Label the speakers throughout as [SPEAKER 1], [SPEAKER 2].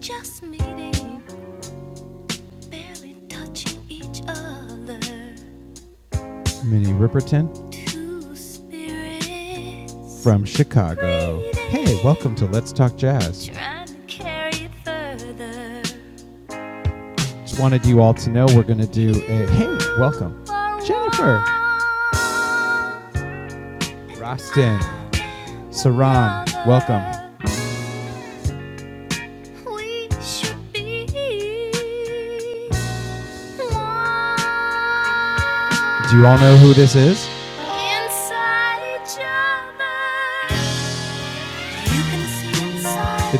[SPEAKER 1] Just meeting, barely touching each other. Two spirits trying to carry it further. For one we should be one inside each other. You can see inside,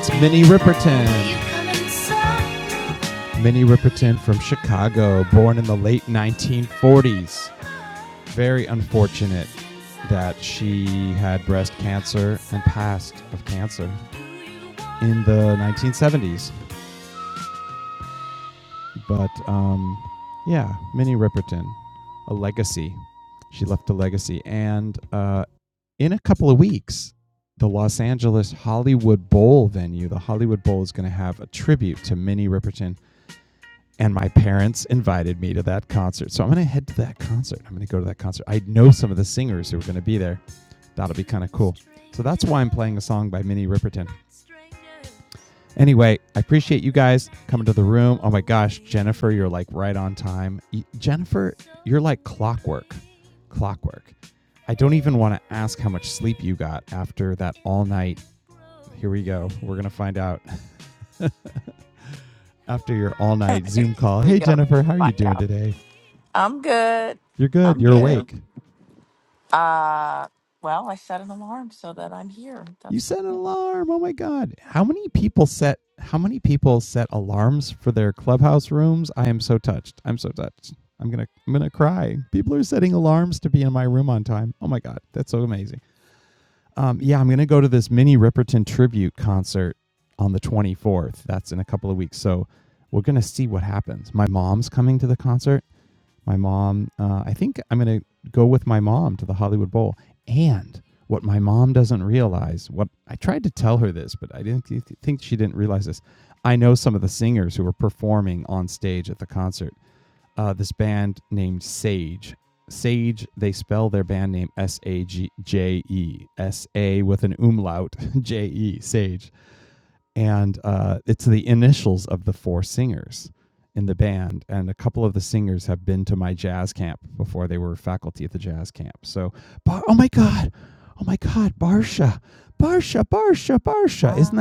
[SPEAKER 1] come inside. Do you want strangers?
[SPEAKER 2] Here we go. Find out. I'm good. I'm good. Uh, well, I set an alarm so that I'm here. That's the point. Wow.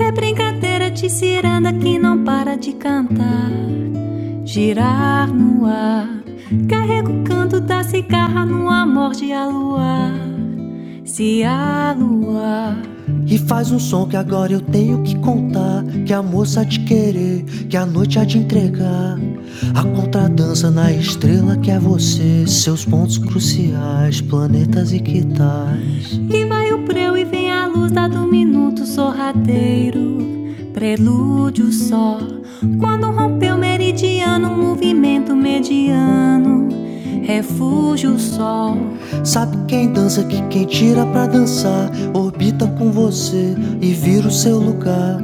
[SPEAKER 1] É brincadeira de ciranda que não para de cantar, girar no ar. Carrego o canto da cigarra no amor de aluar. se a lua. E faz um som que agora eu tenho que contar Que a moça há de querer, que a noite há de entregar A contradança na estrela que é você Seus pontos cruciais, planetas e quitais E vai o preu e vem a luz dado um minuto sorrateiro Prelúdio só Quando rompeu o meridiano Movimento mediano Refúgio sol Sabe quem dança que quem tira pra dançar Orbita com você e vira o seu lugar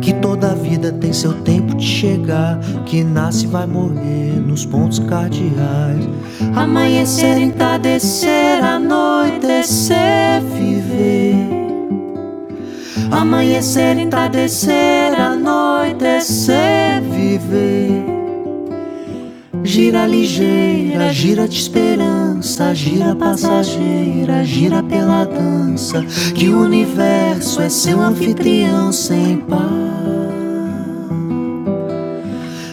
[SPEAKER 1] Que toda vida tem seu tempo de chegar Que nasce e vai morrer nos pontos cardeais Amanhecer, entardecer, anoitecer, viver Amanhecer, entardecer, anoitecer, viver Gira ligeira, gira de esperança, gira passageira, gira pela dança, que o universo é seu anfitrião sem par.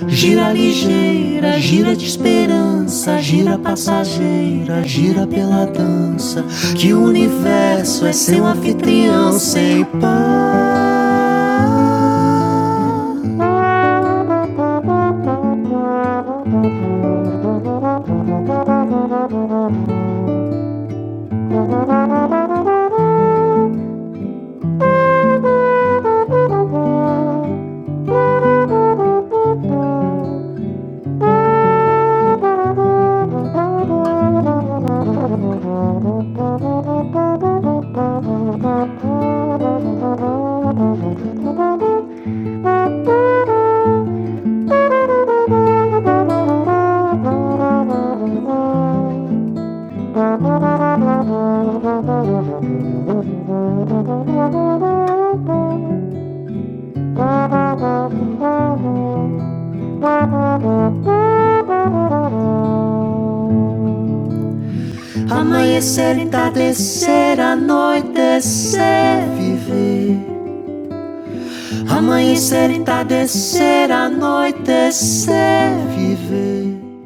[SPEAKER 1] Gira ligeira, gira de esperança, gira passageira, gira pela dança, que o universo é seu anfitrião sem par. Amanhecer, entardecer, anoitecer, viver. Amanhecer, entardecer, anoitecer, viver.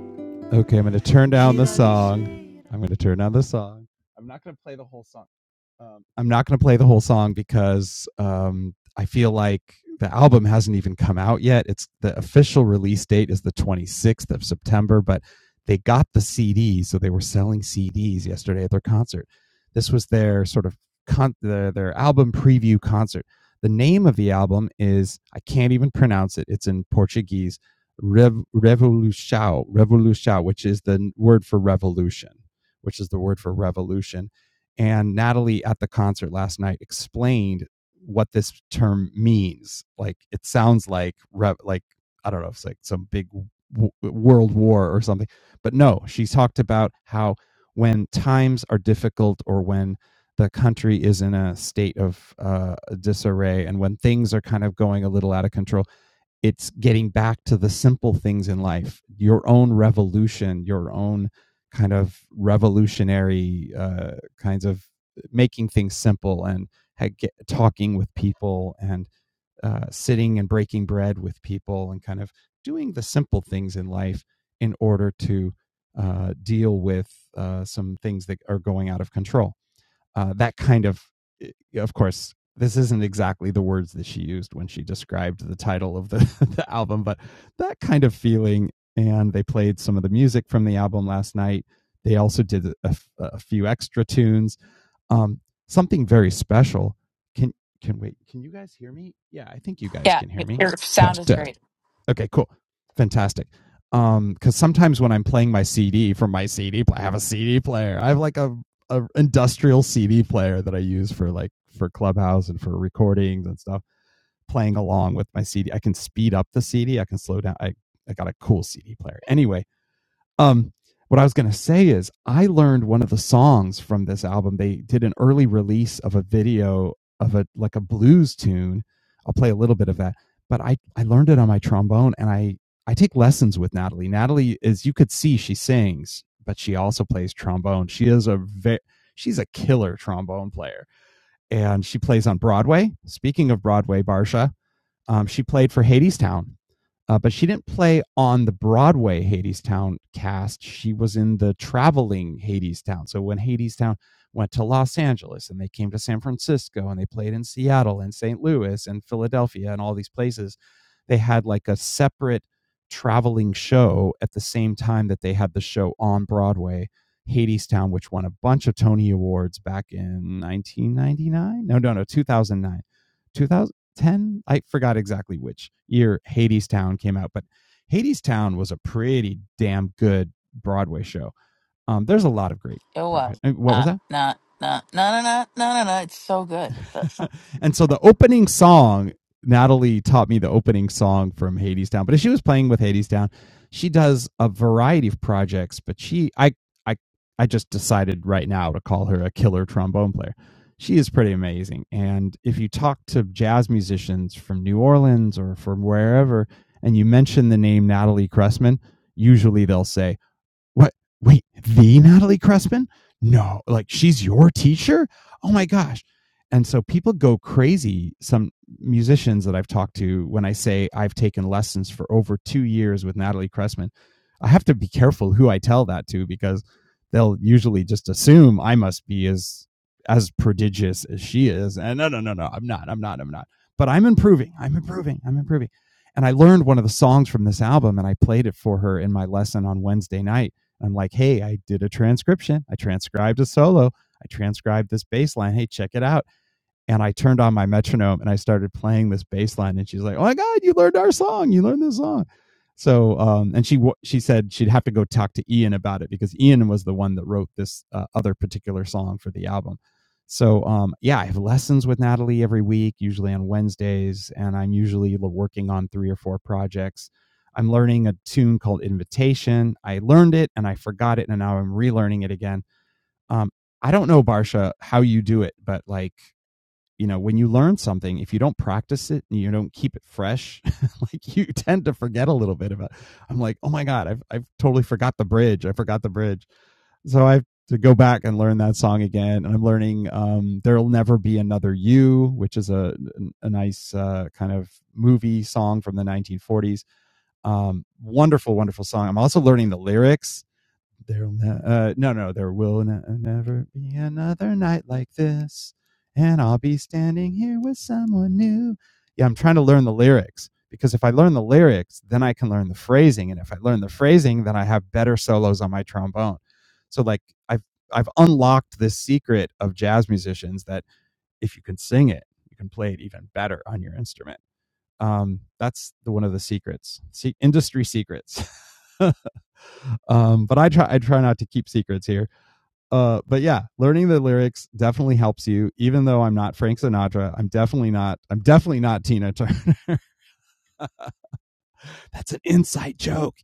[SPEAKER 2] Yeah, it- your sound is great. It was. Uh, no, no, no, no, no, no, no, no. It's so good. That's not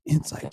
[SPEAKER 2] oh my good.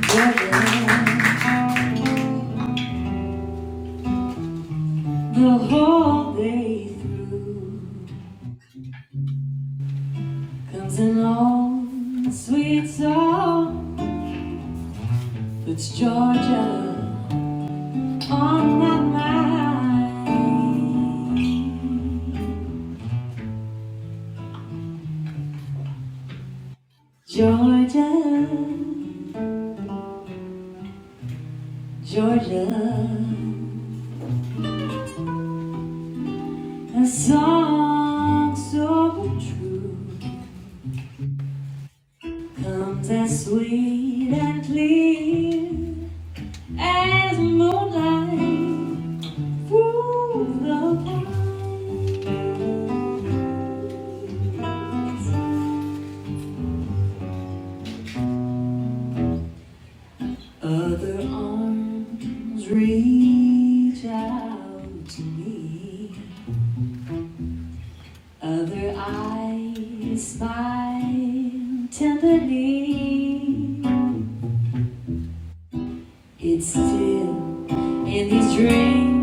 [SPEAKER 1] The whole day through comes an old sweet song. It's Georgia. on my mind. Georgia, Georgia, a song so true comes as sweet and clear as moonlight through the pine. And these dreams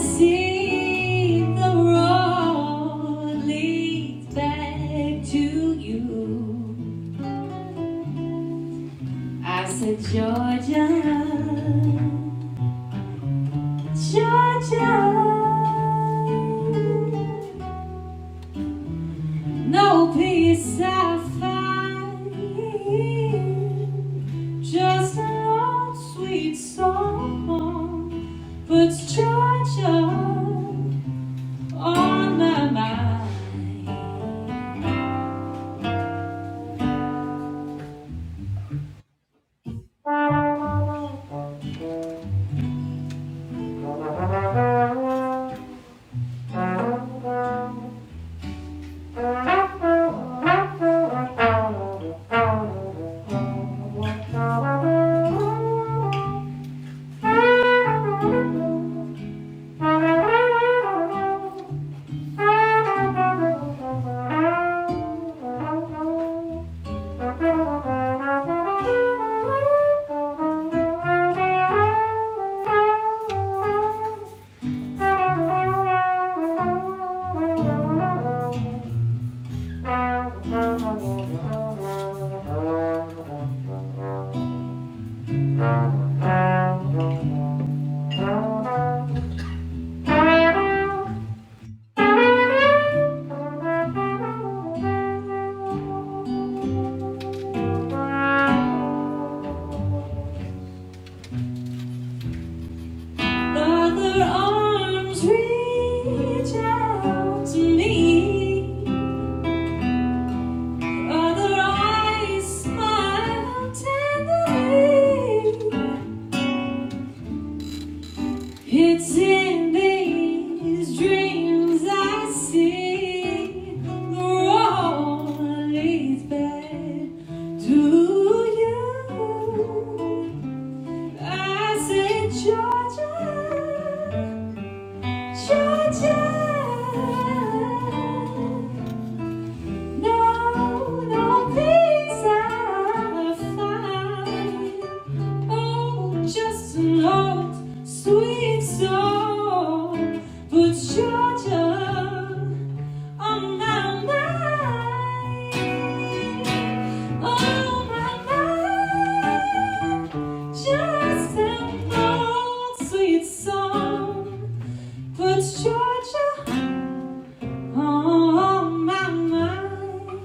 [SPEAKER 1] see the road leads back to you. I said, Georgia, Georgia, no peace I find, just an old sweet song puts Georgia on my mind. Other arms reach out to me. Other eyes smile tenderly. It's in these dreams I see the road leads back to you. I say, Georgia, Georgia. No, no peace I find. Oh, just an old sweet song. But Georgia, on my mind. On my mind. Just an old sweet song. But Georgia, on my mind.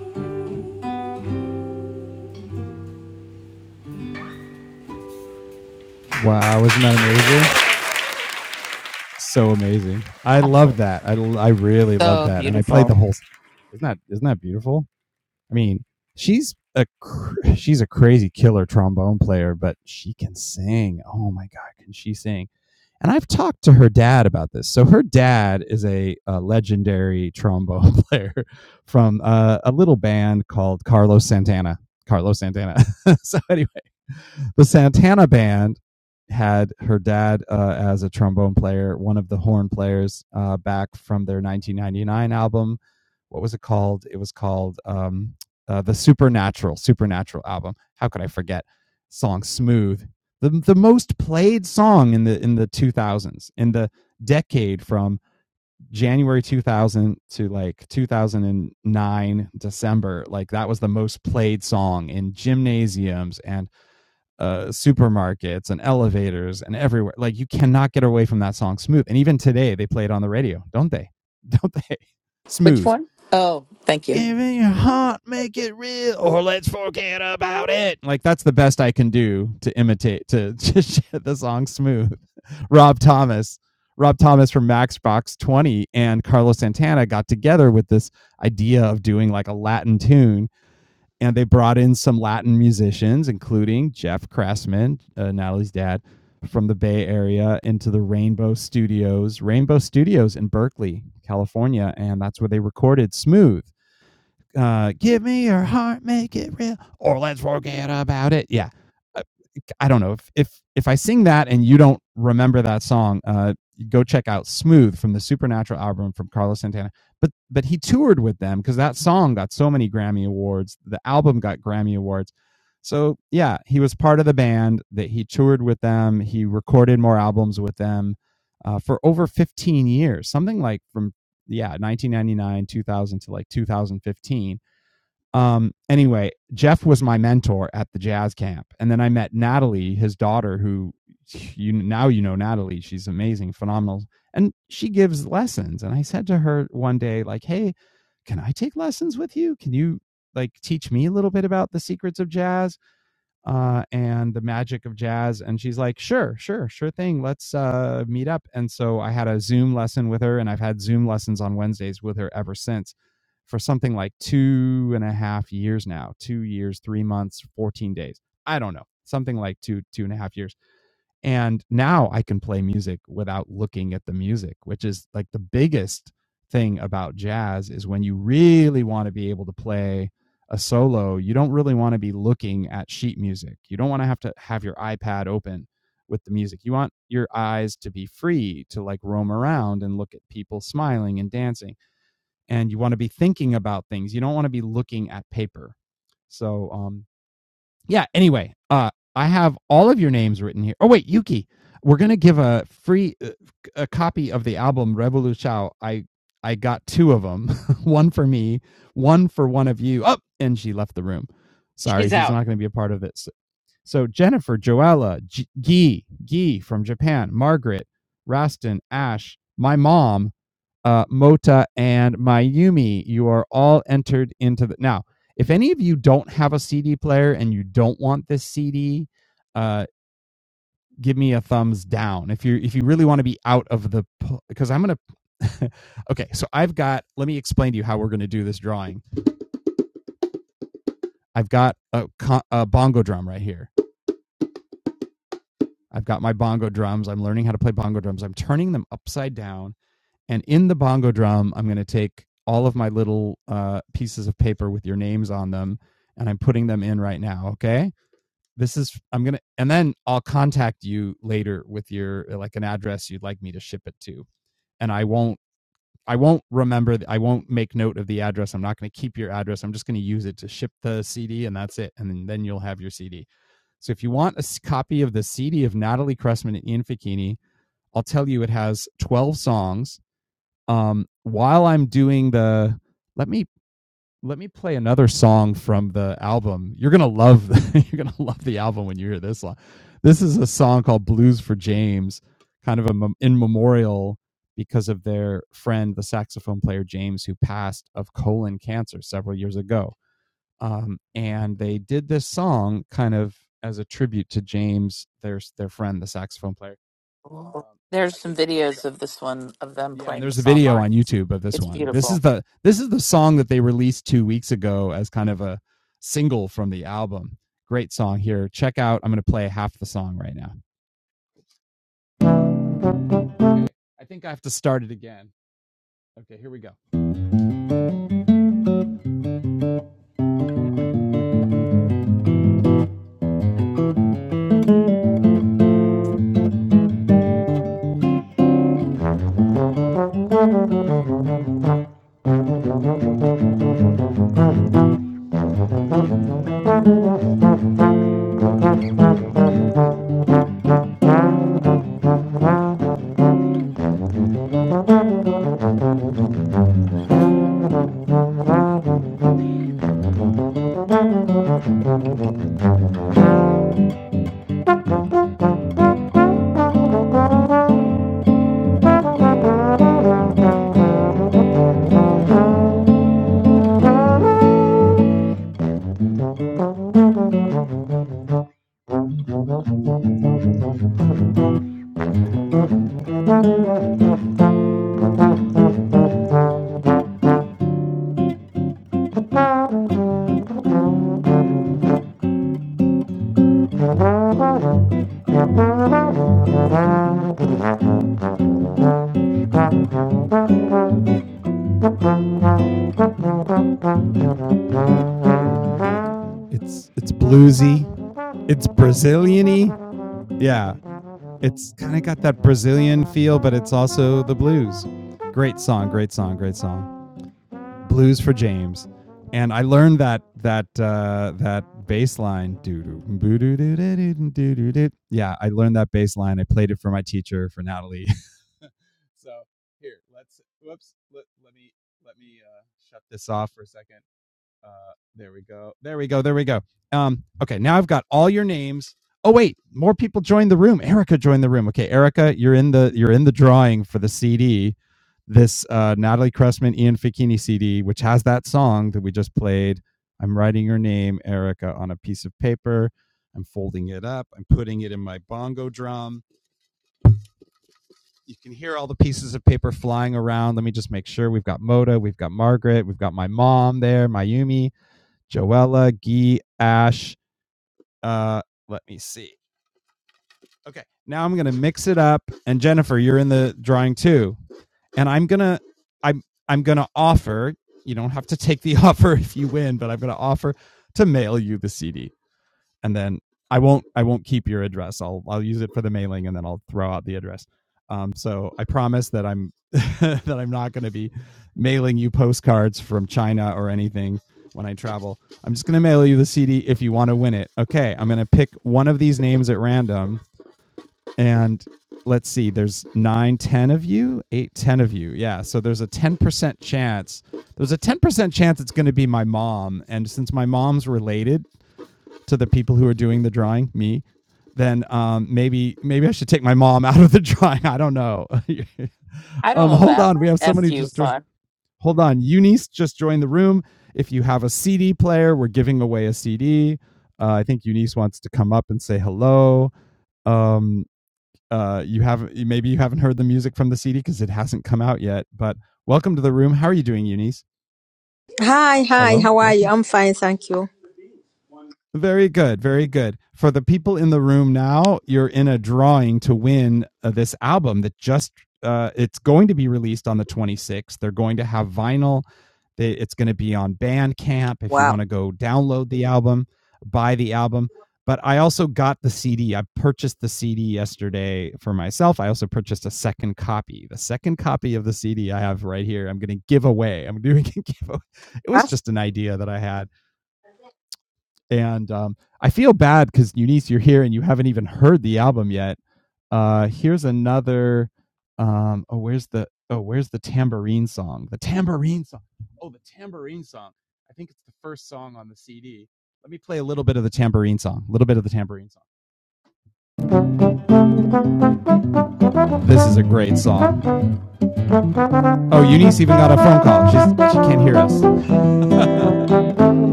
[SPEAKER 2] Absolutely. So beautiful. Which one? Oh, thank you. She's out. There's some videos of this one of them playing this online. It's beautiful. I don't know that. F you, fun.
[SPEAKER 3] Hi, hi, how are you? I'm fine, thank you. Wow. That's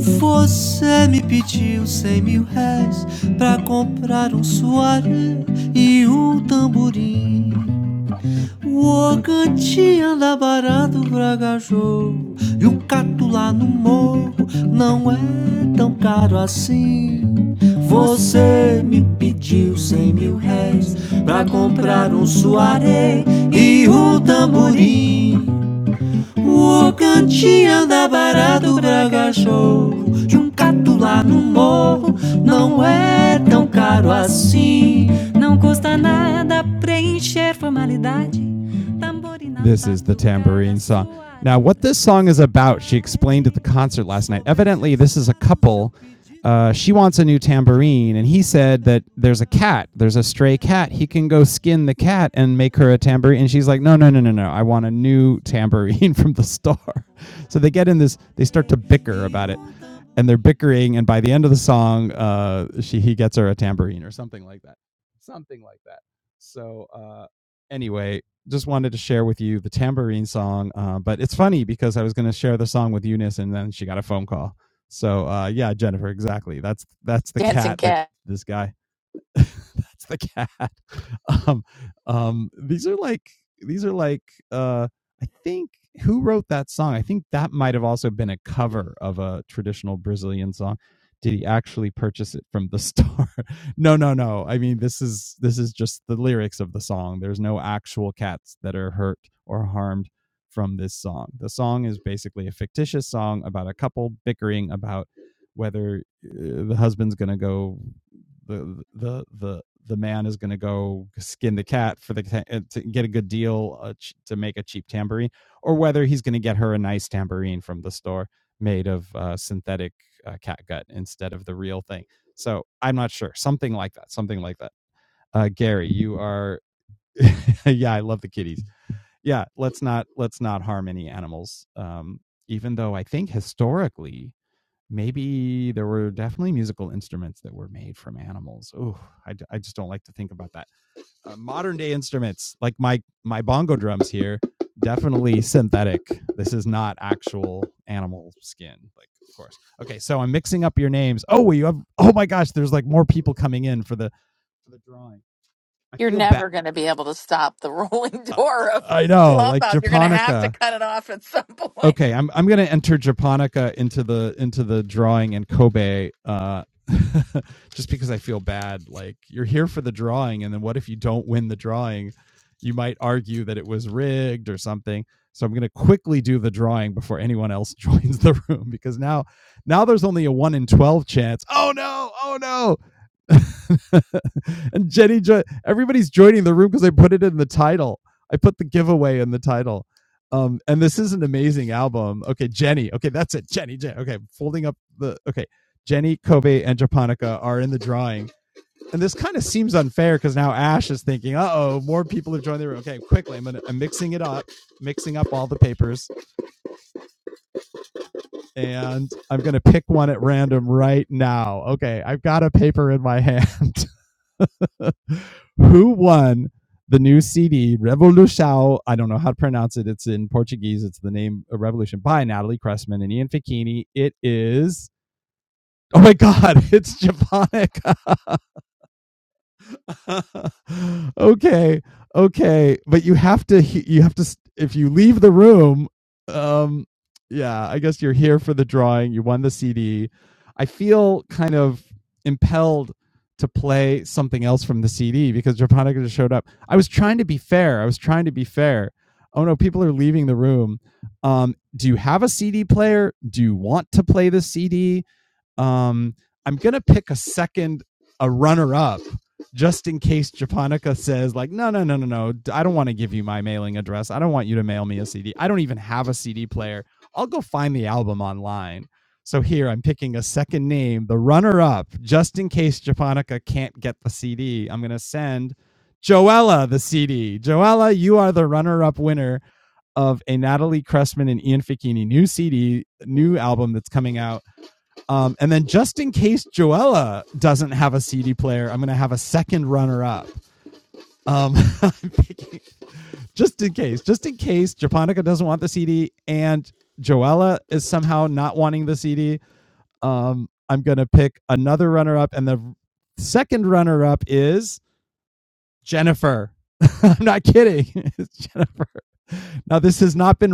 [SPEAKER 1] Você me pediu cem mil réis pra comprar um soare e um tamborim. O Oganti anda barato pra cachorro e o cato lá no morro não é tão caro assim. Você me pediu cem mil réis pra comprar um soare e um tamborim. O cantinho anda barato pra cachorro De um gato lá no morro Não é tão caro assim Não custa nada preencher formalidade
[SPEAKER 2] Dancing cat. You're never going to be able to stop the rolling door of Clubhouse. You're going to have to cut it off at some point.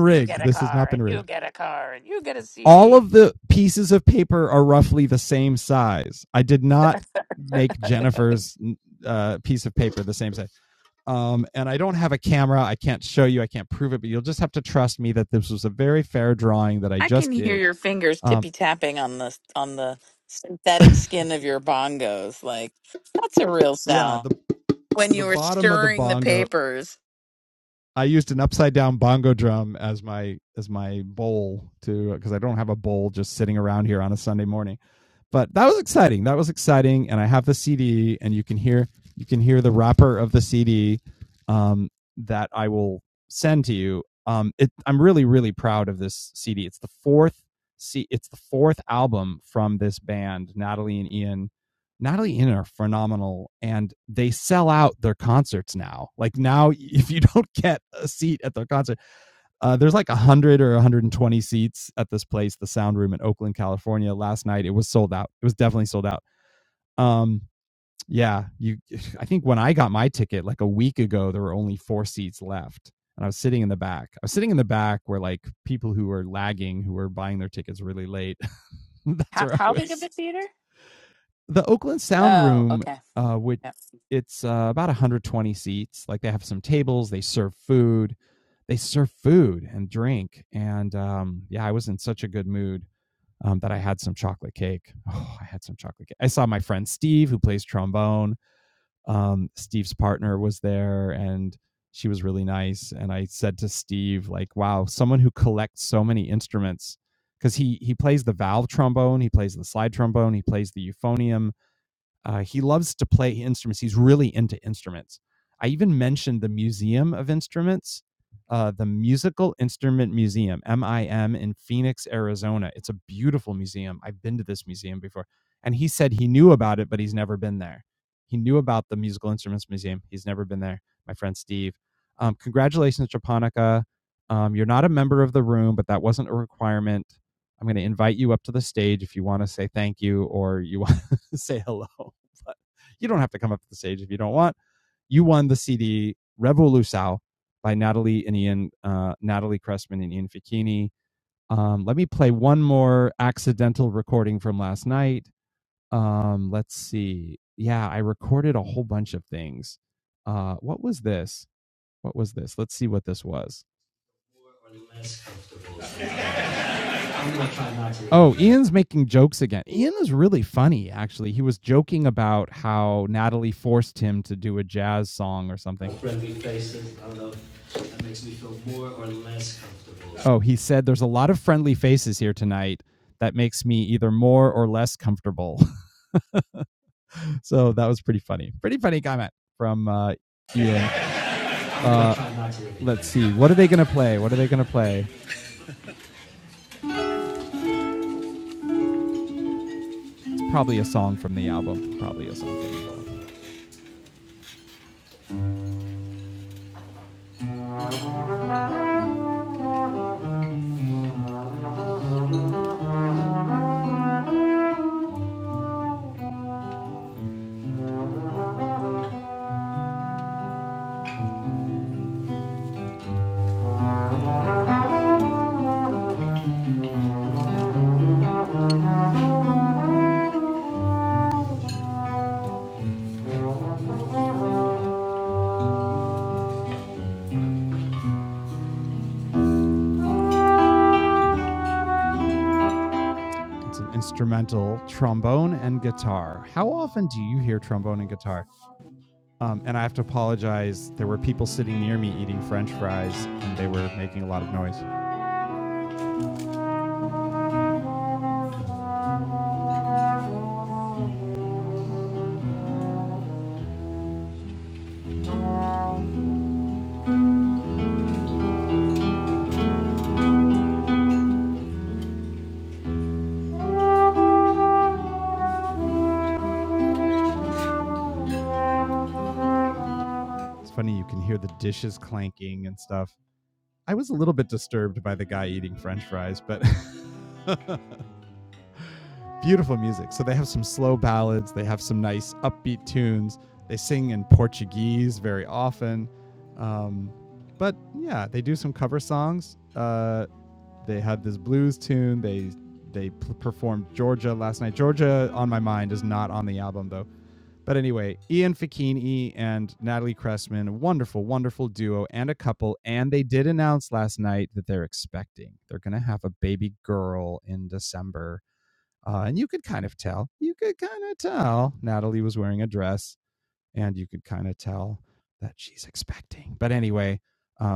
[SPEAKER 2] You get a car, and you get a car, and you get a CD. I can hear your fingers tippy tapping on the on the synthetic skin of your bongos. Like that's a real sound when you were stirring the papers. How, how big of a theater? Oh, okay. Yep.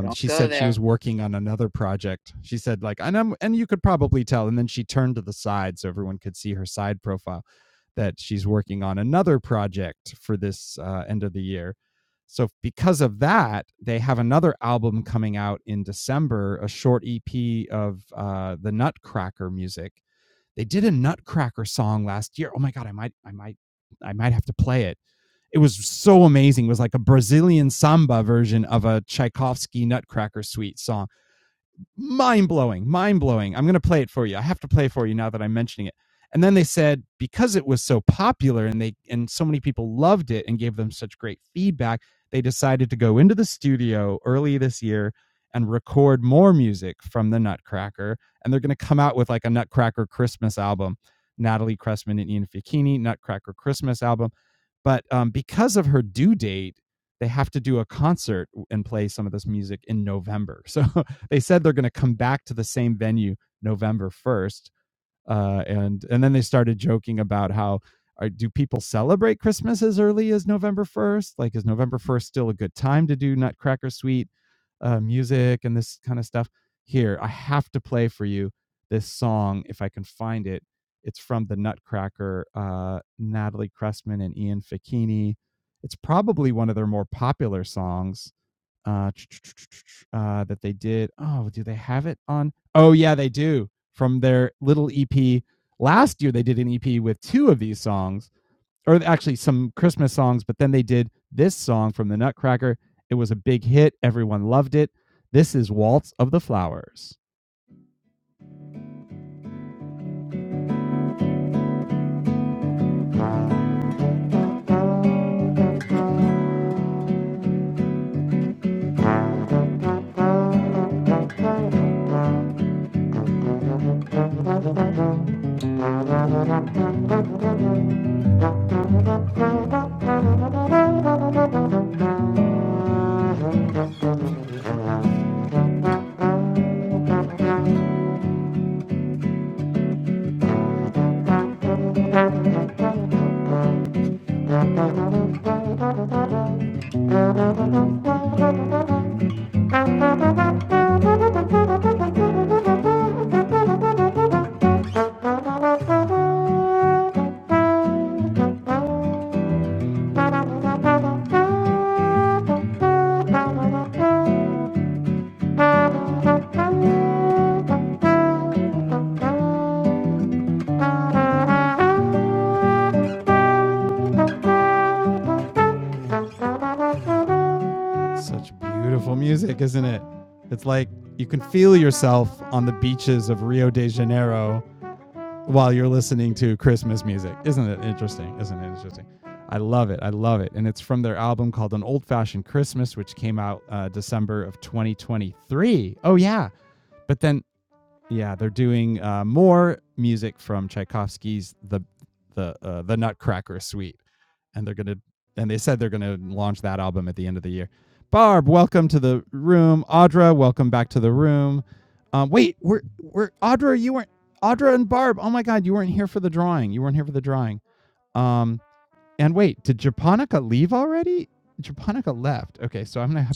[SPEAKER 2] Don't go there,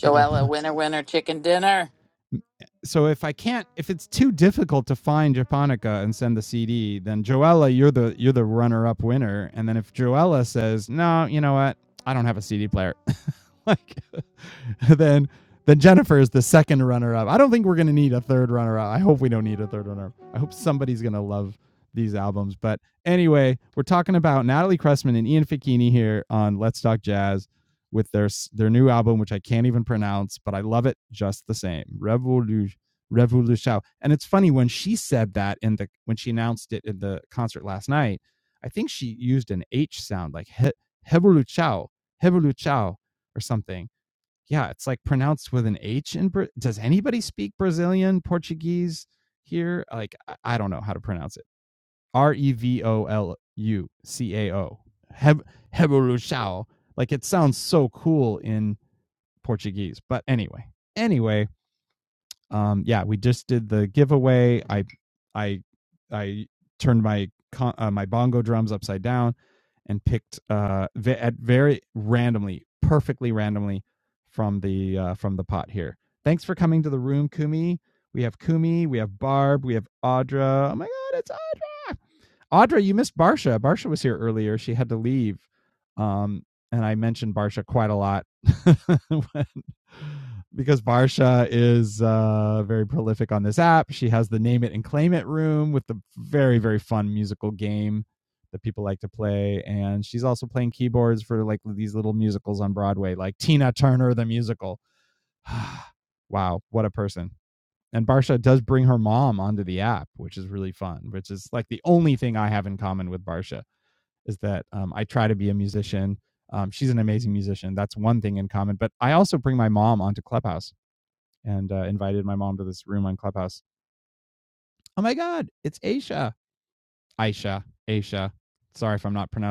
[SPEAKER 2] Joella. Winner, winner, chicken dinner.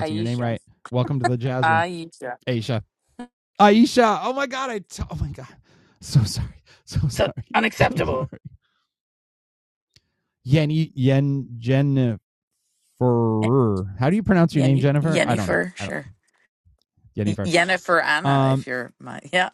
[SPEAKER 2] Aisha. Aisha. So unacceptable. Yenny, Yennefer, sure. Y- Yennefer Anna, if you're my. Yeah,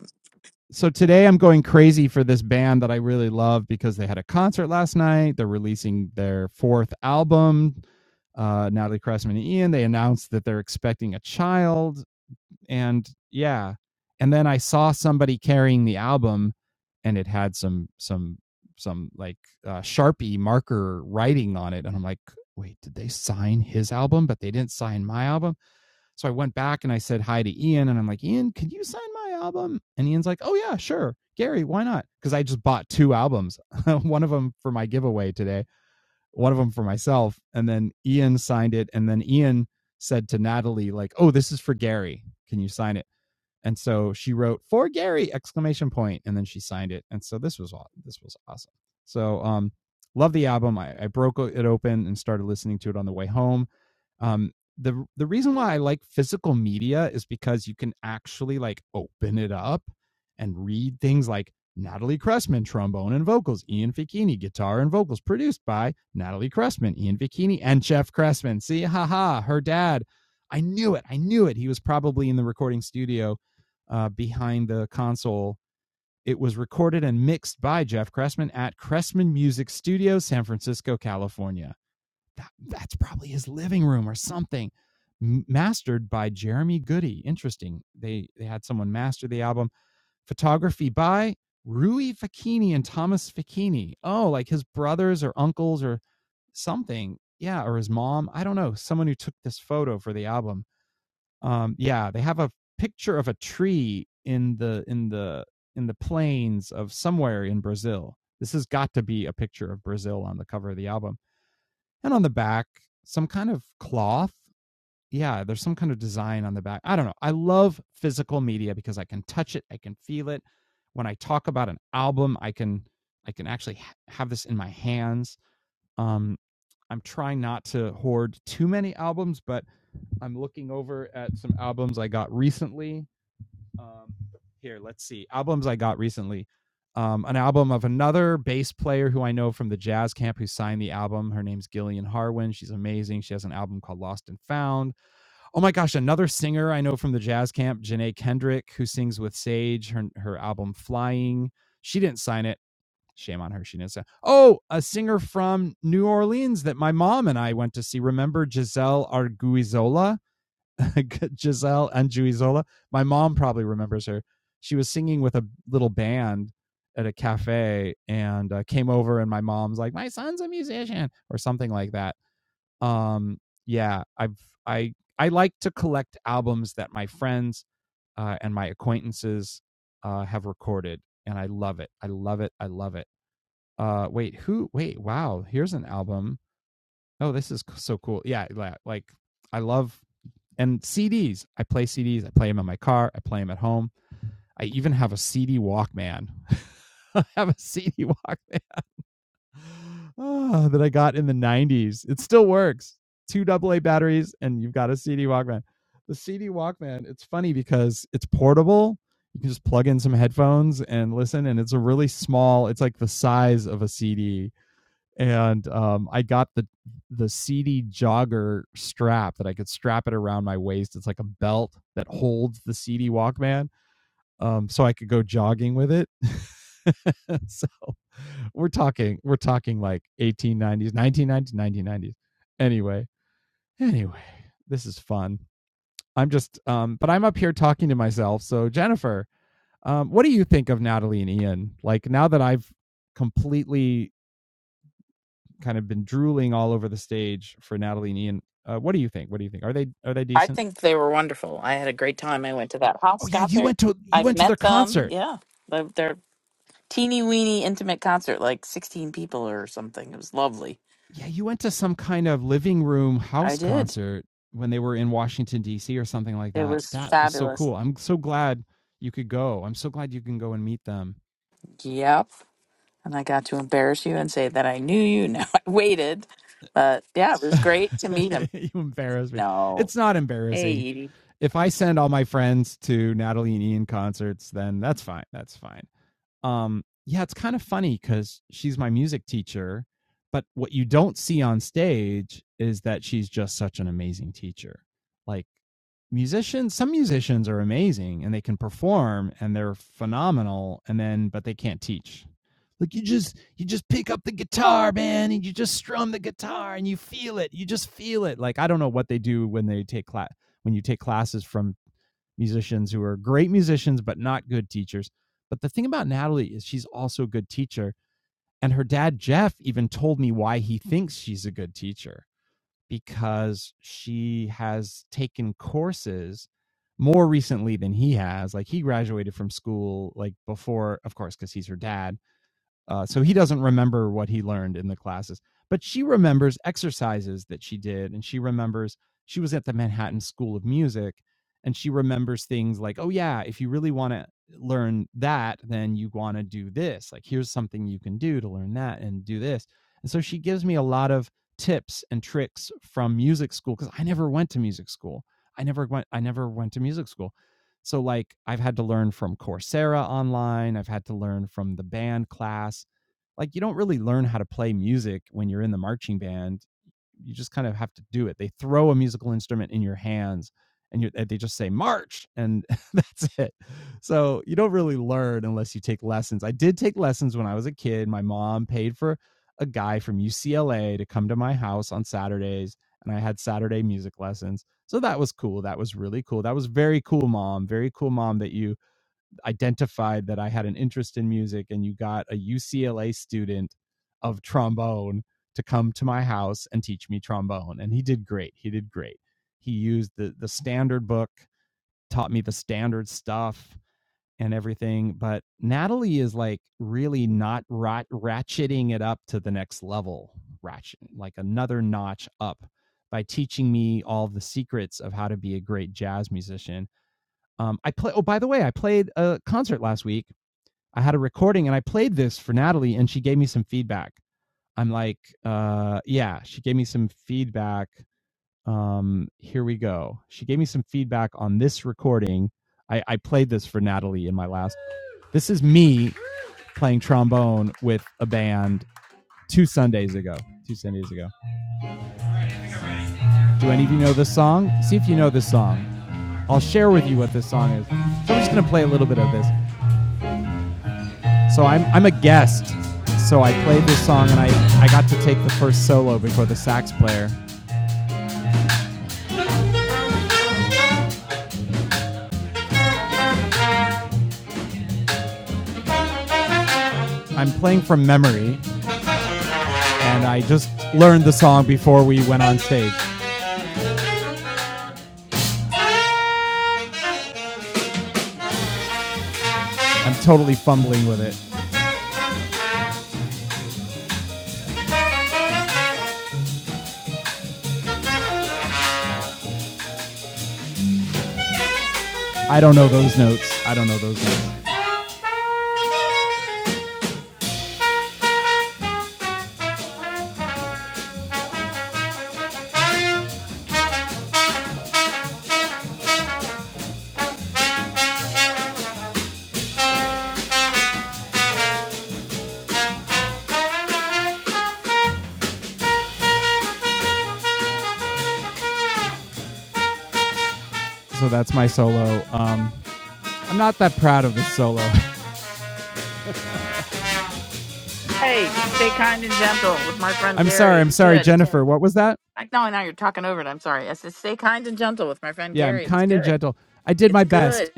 [SPEAKER 2] I think they were wonderful. I had a great time. I went to that house concert. I've met them. Yeah. They're, they're teeny weeny intimate concert, like 16 people or something. It was lovely. I did. It was fabulous. Yep. And I got to embarrass you and say that I knew you. Now I waited. But yeah, it was great to meet him. No. Hey, Edie. Hey, stay kind and gentle with my friend Gary. It's good. I no, now you're talking over it. I'm sorry. I said stay kind and gentle with my friend Gary. It's good. It's good.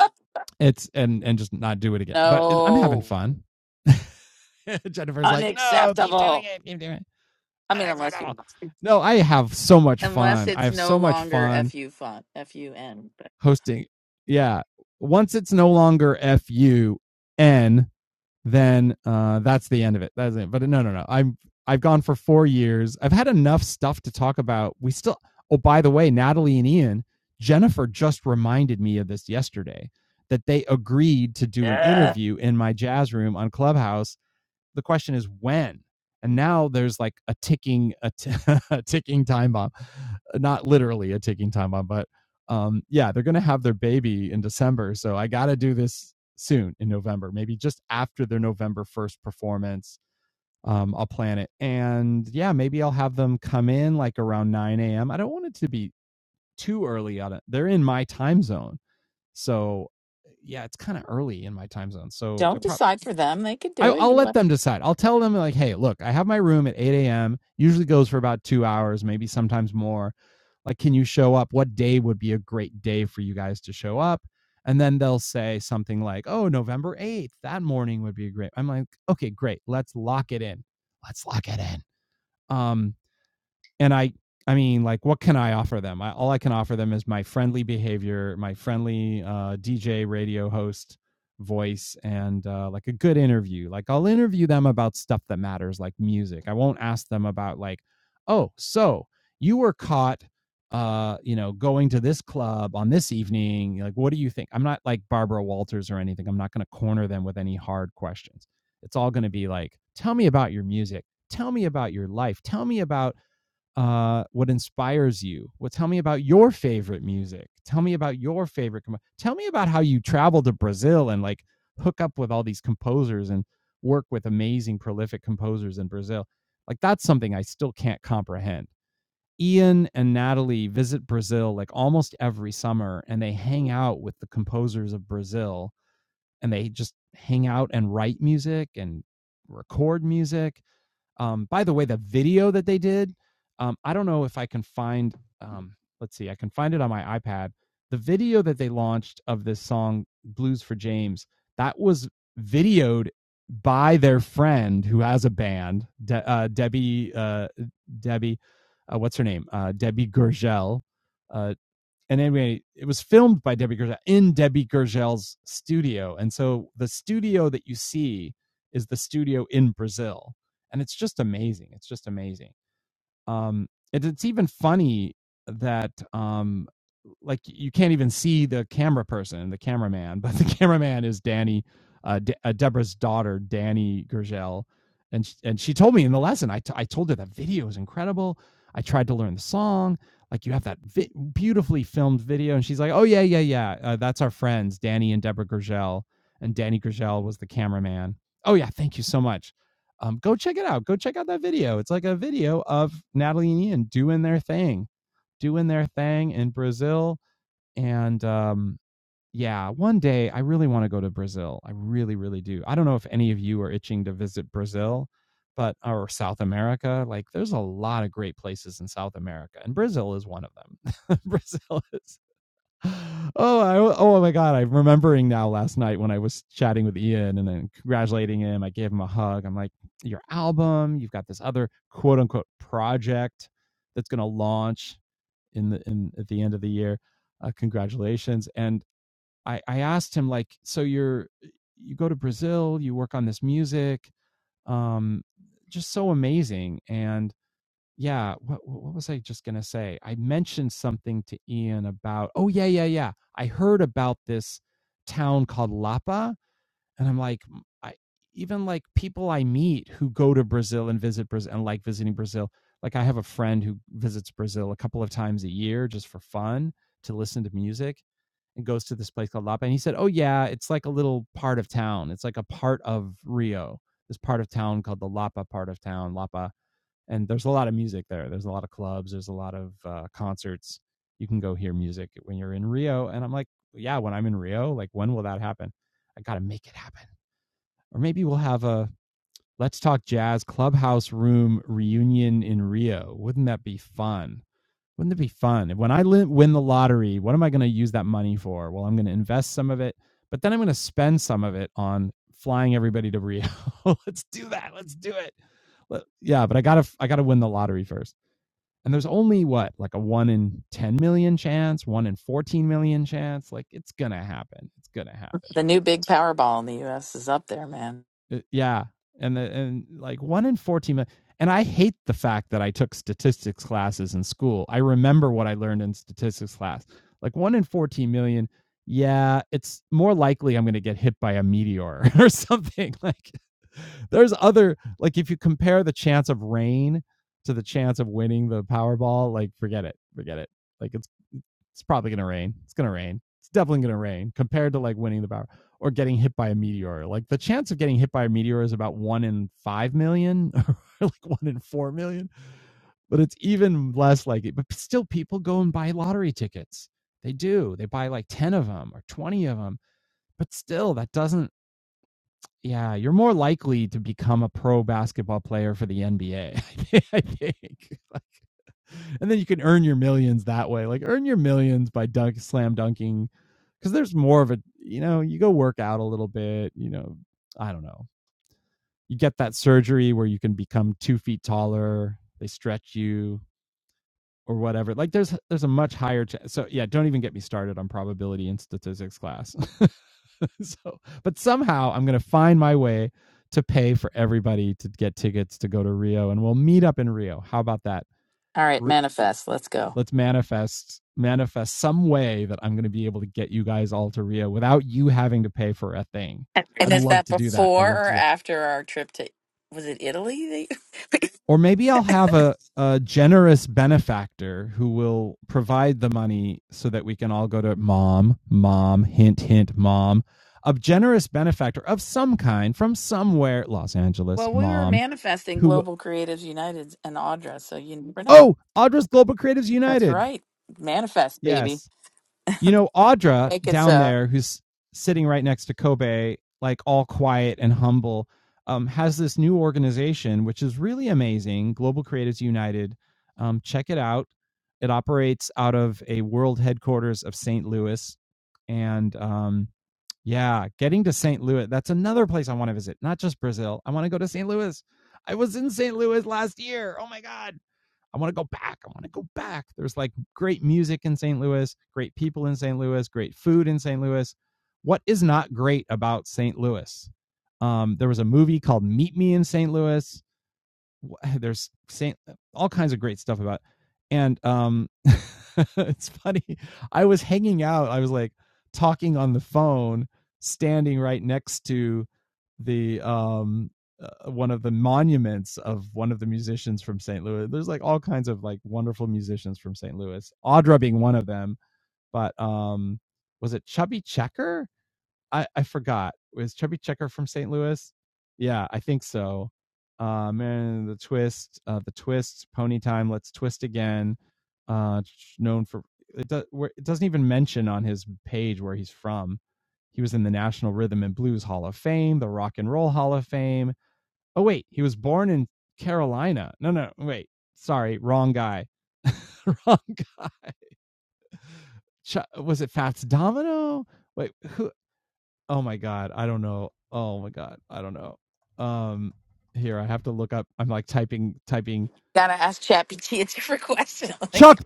[SPEAKER 2] No, unacceptable. I mean, unless you, unless it's no longer fu fun, fun. But yeah, don't decide for them. They could do it. You let- the new big Powerball in the U.S. is up there, man. All right, manifest. Let's go. And is that before or after our trip to? Was it Italy? Well, we were manifesting Global Creatives United and Audra, so you never know. That's right. Manifest, baby. Make it so. Gotta ask ChatGPT a different question. Like,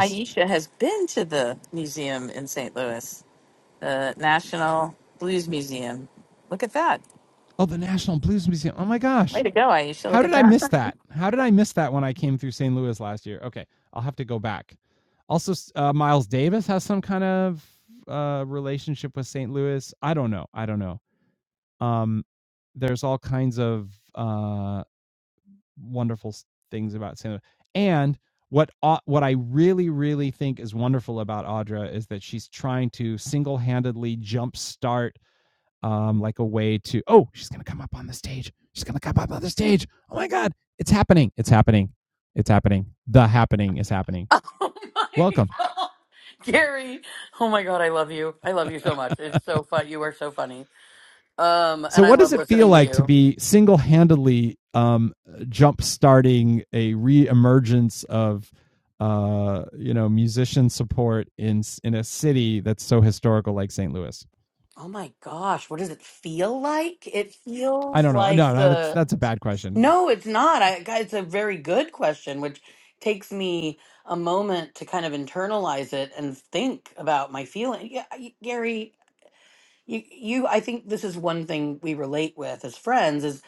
[SPEAKER 2] Aisha has been to the museum in St. Louis, the National Blues Museum. Look at that. Way to go, Aisha. Look at that.
[SPEAKER 4] Oh my god. Gary, oh my god, I love you. I love you so much. It's so fun. You are so funny. Um, and I love listening to you. Oh my gosh, what does it feel like? It feels like the No, it's not. I God, it's a very good question which takes me a moment to kind of internalize it and think about my feeling. Yeah, I- Gary, you, you I think this is one thing we relate with as friends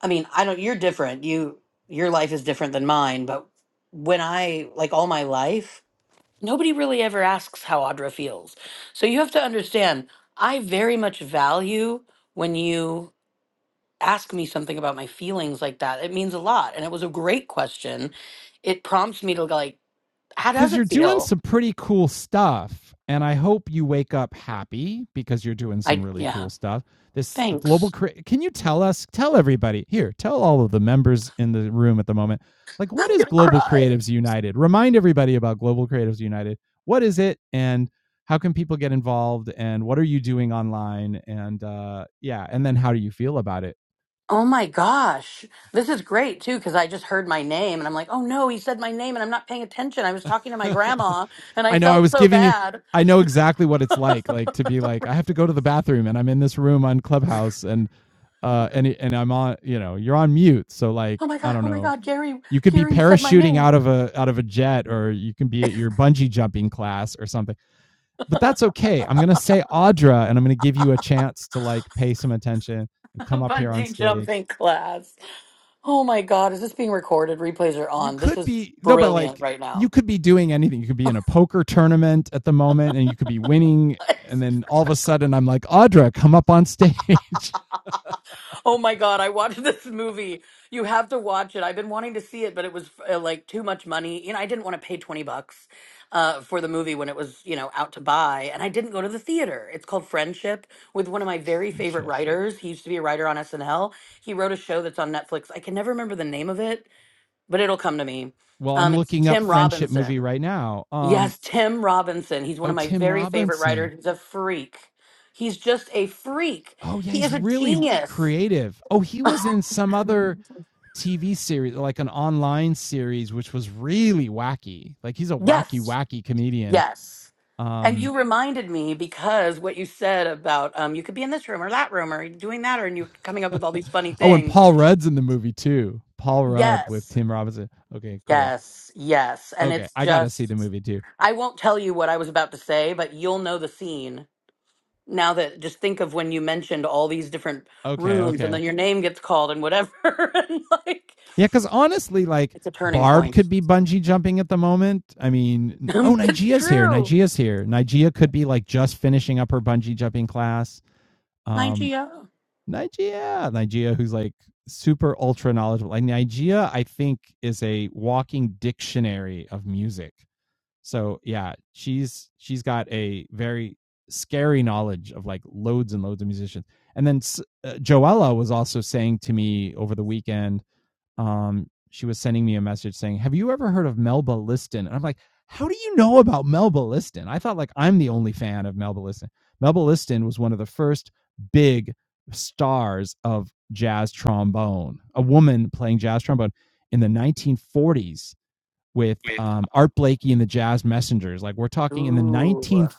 [SPEAKER 4] I mean, I don't, you're different. You, your life is different than mine, but when I, like all my life, nobody really ever asks how Audra feels. So you have to understand, I very much value when you ask me something about my feelings like that. It means a lot. And it was a great question. It prompts me to like, how does it feel? I, yeah, thanks. I'm gonna cry. Oh my gosh. This is great too, because I just heard my name and I'm like, oh no, he said my name and I'm not paying attention. I was talking to my grandma and I felt so bad. Oh my God. Oh my God. Gary, Gary, you said my name. Bungee jumping class. Oh my God. Is this being recorded? Replays are on. This is brilliant right now. Oh my God, I watched this movie. You have to watch it. I've been wanting to see it, but it was uh, like too much money. You know, I didn't want to pay 20 bucks uh, for the movie when it was, you know, out to buy, and I didn't go to the theater. It's called Friendship with one of my very favorite writers. He used to be a writer on SNL. He wrote a show that's on Netflix. I can never remember the name of it, but it'll come to me. Um, it's Tim Robinson. Yes, Tim Robinson. He's one of my very favorite writers. He's a freak. He's just a freak. He is a genius. Yes, yes. And you reminded me because what you said about um, you could be in this room or that room or doing that, or and you're coming up with all these funny things. Yes, yes, yes. And it's just, I won't tell you what I was about to say, but you'll know the scene now that just think of when you mentioned all these different rooms and then your name gets called and whatever and like it's a turning point. it's true. Nigeria. Ooh.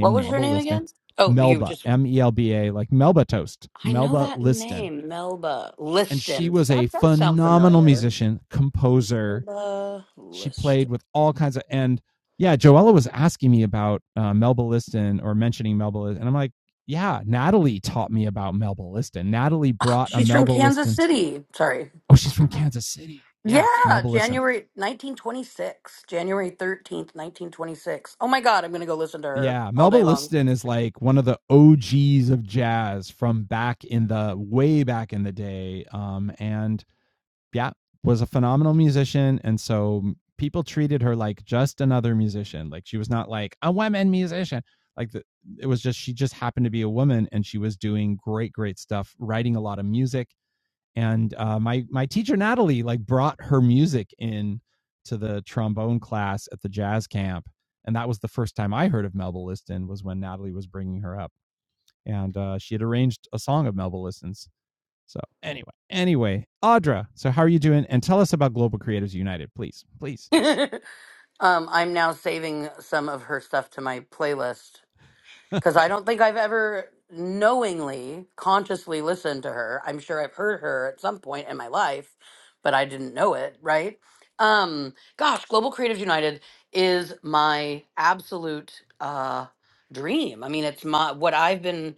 [SPEAKER 4] What was her name again? Oh, you just I know that name, Melba Liston. That does sound familiar. Melba Liston. Ah, She's from Kansas City. Sorry. Yeah, January 1926. January 13th, 1926. Oh my god, I'm going to go listen to her all day long. um, I'm now saving some of her stuff to my playlist because I don't think I've ever knowingly, consciously listened to her. I'm sure I've heard her at some point in my life, but I didn't know it, right? Um, gosh, Global Creatives United is my absolute uh, dream. I mean, it's my what I've been.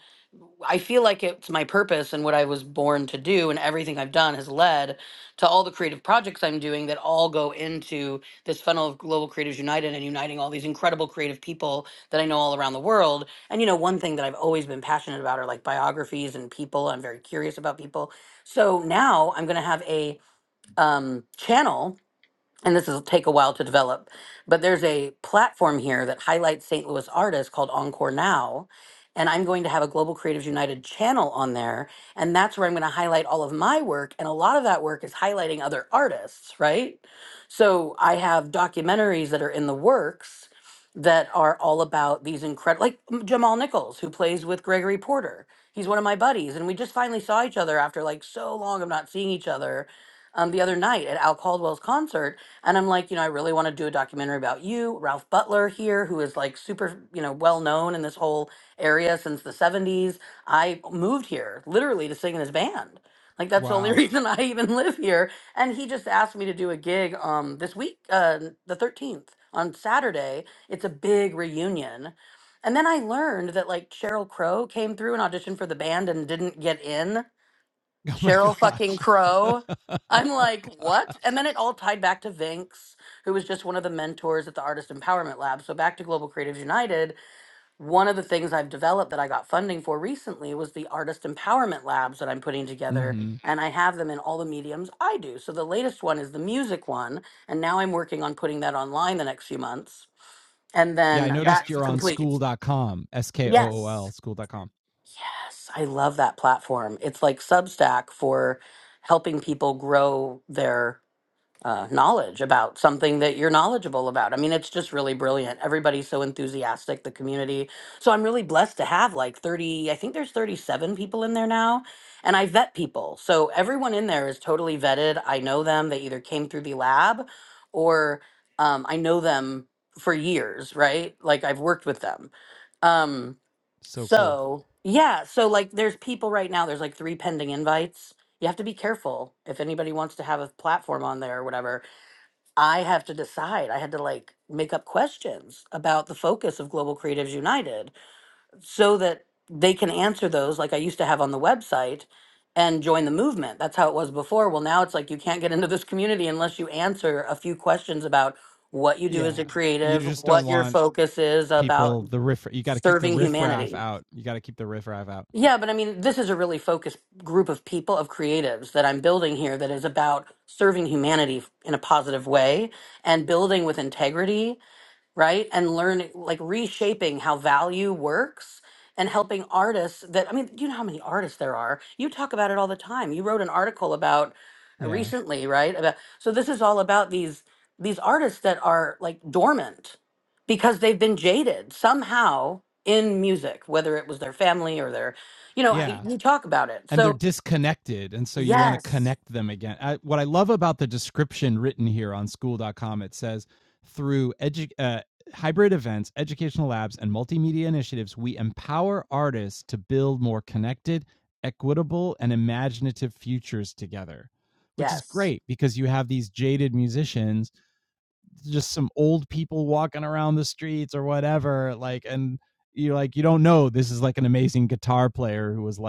[SPEAKER 4] I feel like it's my purpose and what I was born to do, and everything I've done has led to all the creative projects I'm doing that all go into this funnel of Global Creatives United and uniting all these incredible creative people that I know all around the world and you know, one thing that I've always been passionate about are like biographies and people. I'm very curious about people. So now I'm going to have a um, channel and this will take a while to develop, but there's a platform here that highlights St. Louis artists called Encore Now. And I'm going to have a Global Creatives United channel on there. And that's where I'm going to highlight all of my work. And a lot of that work is highlighting other artists, right? So I have documentaries that are in the works that are all about these incredible, like mm, Jamal Nichols, who plays with Gregory Porter. He's one of my buddies. And we just finally saw each other after like so long of not seeing each other um, the other night at Al Caldwell's concert and I'm like, you know, I really want to do a documentary about you, Ralph Butler here, who is like super, you know, well known in this whole area since the 70s. I moved here literally to sing in his band. Like that's the only reason I even live here. And he just asked me to do a gig um this week, uh the 13th on Saturday. It's a big reunion. And then I learned that like Cheryl Crow came through and auditioned for the band and didn't get in. Cheryl fucking Crow. I'm like, what? And then it all tied back to Vinx, who was just one of the mentors at the Artist Empowerment Lab. So back to Global Creatives United, one of the things I've developed that I got funding for recently was the Artist Empowerment Labs that I'm putting together. And I have them in all the mediums I do. So the latest one is the music one. And now I'm working on putting that online the next few months. And then Yeah, that's complete. Yes. Yes, I love that platform. It's like Substack for helping people grow their uh, knowledge about something that you're knowledgeable about. I mean, it's just really brilliant. Everybody's so enthusiastic, the community. So I'm really blessed to have like 30, I think there's 37 people in there now, and I vet people. So everyone in there is totally vetted. I know them. They either came through the lab or um, I know them for years, right? Like I've worked with them. Um, so, yeah, so like there's people right now, there's like three pending invites. You have to be careful if anybody wants to have a platform on there or whatever. I have to decide. I had to like make up questions about the focus of Global Creatives United so that they can answer those like I used to have on the website and join the movement. That's how it was before. Well, now it's like you can't get into this community unless you answer a few questions about what you do as a creative, what your focus is about serving humanity. Yeah, but I mean, this is a really focused group of people, of creatives that I'm building here that is about serving humanity in a positive way and building with integrity right? And learning, like reshaping how value works and helping artists that, I mean, do you know how many artists there are? You talk about it all the time. You wrote an article about uh, recently, right? About, so this is all about these, these artists that are like dormant because they've been jaded somehow in music, whether it was their family or their, you know, y- you talk about it. So yes, yes,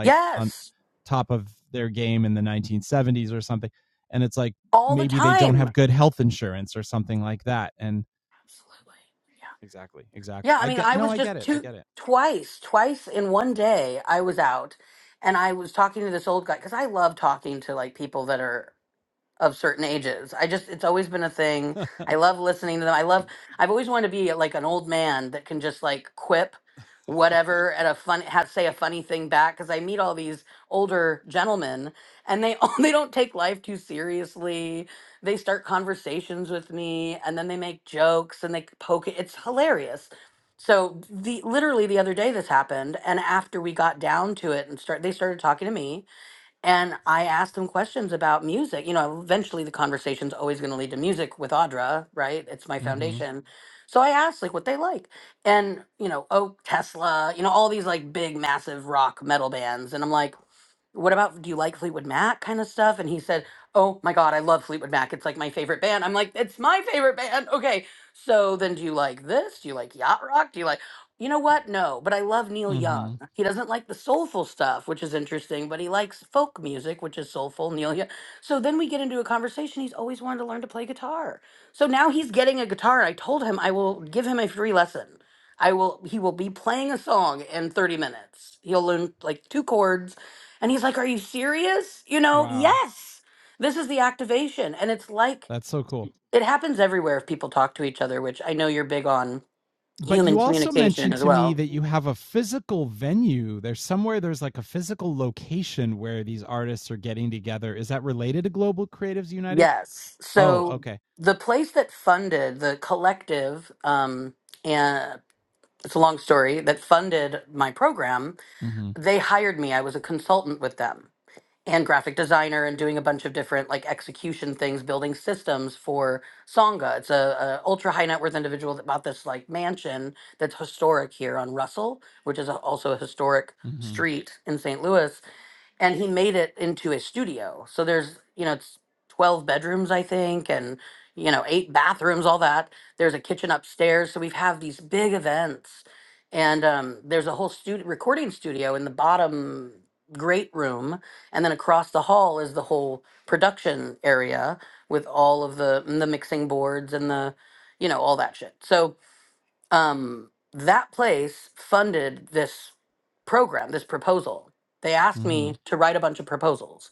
[SPEAKER 4] yes, all the time. Absolutely. Yeah, I mean, I was just two, twice, twice in one day. I was out, and I was talking to this old guy because I love talking to like people that are of certain ages. I just it's always been a thing. I love listening to them. I love I've always wanted to be uh, like an old man that can just like quip whatever at a fun have say a funny thing back cuz I meet all these older gentlemen and they all they don't take life too seriously. They start conversations with me and then they make jokes and they poke it. It's hilarious. So the literally the other day this happened and after we got down to it and start they started talking to me and I asked him questions about music. You know, eventually the conversation's always going to lead to music with Audra, right? It's my foundation. So I asked like what they like. And, you know, oh, Tesla, you know, all these like big, massive rock metal bands. And I'm like, what about do you like Fleetwood Mac kind of stuff? And he said, Oh my God, I love Fleetwood Mac. It's like my favorite band. I'm like, It's my favorite band. Okay. So then do you like this? Do you like yacht rock? Do you like, you know what? No, but I love Neil Young. He doesn't like the soulful stuff, which is interesting, but he likes folk music, which is soulful. Neil Young. So then we get into a conversation. He's always wanted to learn to play guitar. So now he's getting a guitar. I told him I will give him a free lesson. I will, he will be playing a song in 30 minutes. He'll learn like two chords and he's like, Are you serious? You know, yes, this is the activation. And it's like, it happens everywhere if people talk to each other, which I know you're big on human communication as well. Yes. So the place that funded the collective, um, and it's a long story, that funded my program, they hired me. I was a consultant with them. and graphic designer and doing a bunch of different like execution things building systems for songa it's a, a ultra high net worth individual that bought this like mansion that's historic here on russell which is a, also a historic street in st louis and he made it into a studio. So there's, you know, it's 12 bedrooms, I think, and, you know, eight bathrooms, all that. There's a kitchen upstairs. So we have these big events. And um, there's a whole studio, recording studio in the bottom great room. And then across the hall is the whole production area with all of the, the mixing boards and the, you know, all that shit. So, um, that place funded this program, this proposal. They asked me to write a bunch of proposals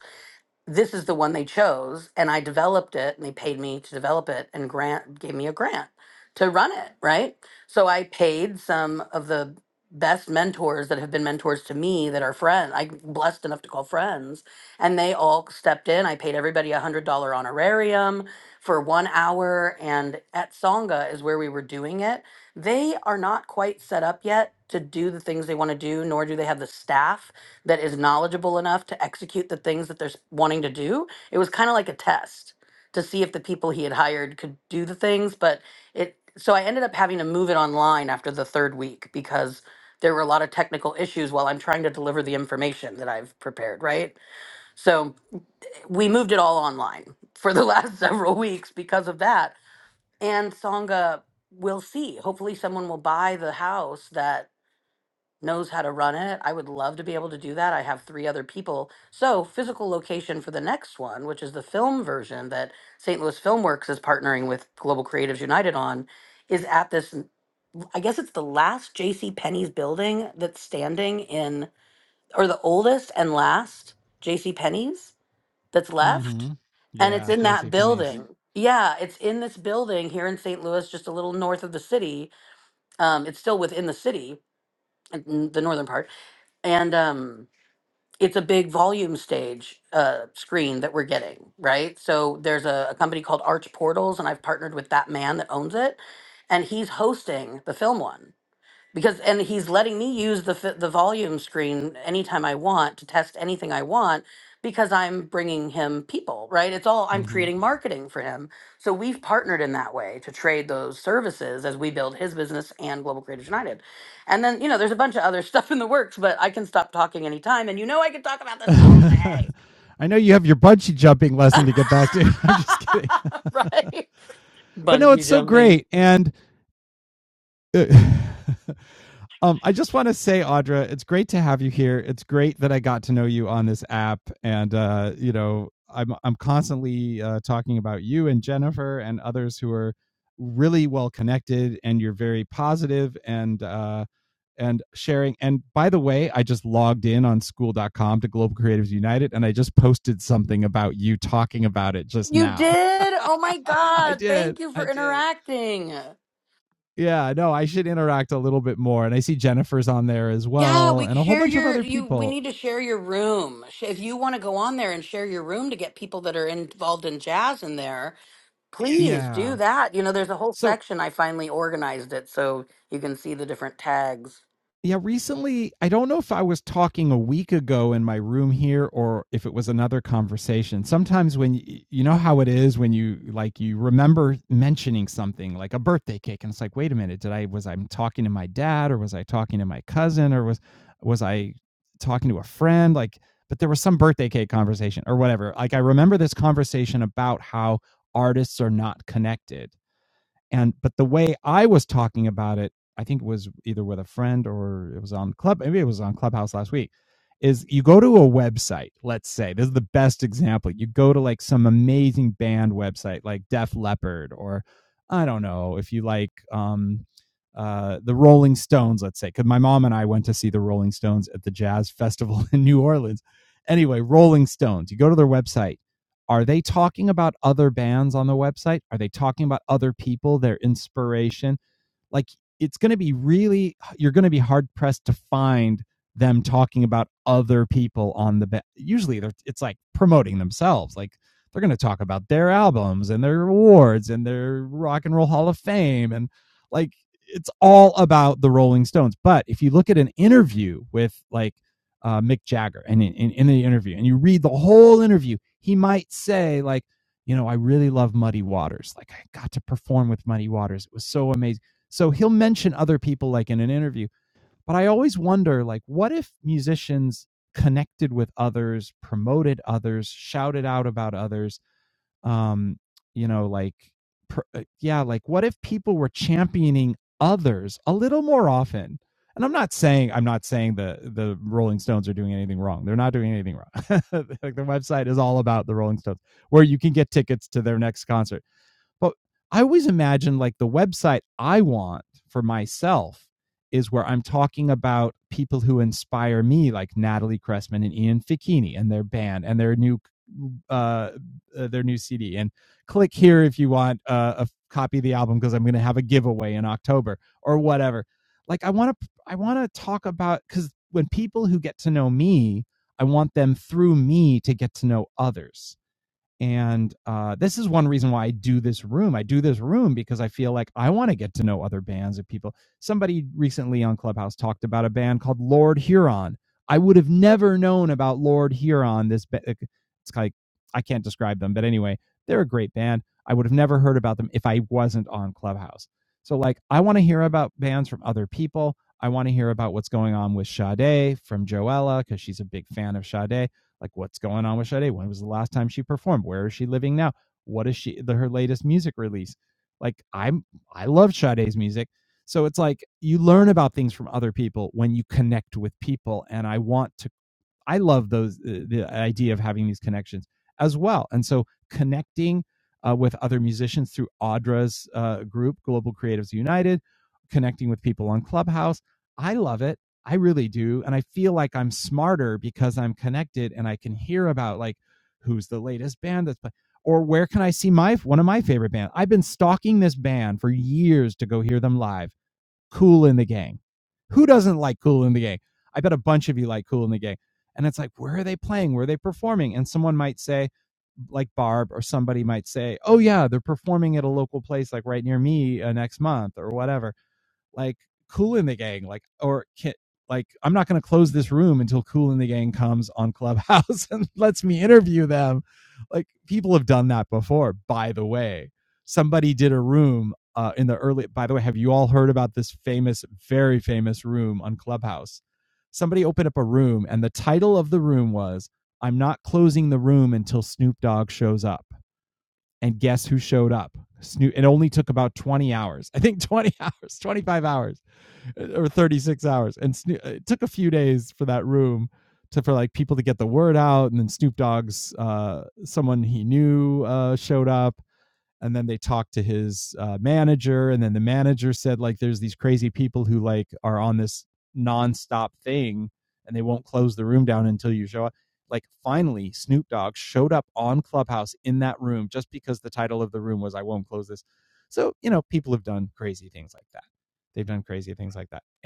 [SPEAKER 4] this is the one they chose and i developed it and they paid me to develop it and grant gave me a grant to run it right so i paid some of the best mentors that have been mentors to me that are friends i'm blessed enough to call friends and they all stepped in i paid everybody a hundred dollar honorarium for one hour and at songa is where we were doing it they are not quite set up yet to do the things they want to do nor do they have the staff that is knowledgeable enough to execute the things that they're s- wanting to do. It was kind of like a test to see if the people he had hired could do the things, but it so I ended up having to move it online after the third week because there were a lot of technical issues while I'm trying to deliver the information that I've prepared, right? So we moved it all online for the last several weeks because of that. And Songa, we'll see. Hopefully, someone will buy the house that knows how to run it. I would love to be able to do that. I have three other people. So, physical location for the next one, which is the film version that St. Louis Filmworks is partnering with Global Creatives United on, is at this n- I guess it's the last JC Penney's building that's standing in or the oldest and last JC Penney's that's left. And it's in that building. Yeah, it's in this building here in St. Louis, just a little north of the city. Um, it's still within the city, in the northern part and um it's a big volume stage uh screen that we're getting right so there's a, a company called arch portals and i've partnered with that man that owns it and he's hosting the film one because and he's letting me use the fi- the volume screen anytime I want to test anything I want because I'm bringing him people, right? It's all I'm creating marketing for him. So we've partnered in that way to trade those services as we build his business and Global Creators United. And then, you know, there's a bunch of other stuff in the works, but I can stop talking anytime and you know I can talk about this all day. right? Buns me. You did? Oh my god, thank you for interacting. Yeah, we can share your you we need to share your room. Sh- If you want to go on there and share your room to get people that are involved in jazz in there, please do that. You know, there's a whole section I finally organized it so you can see the different tags.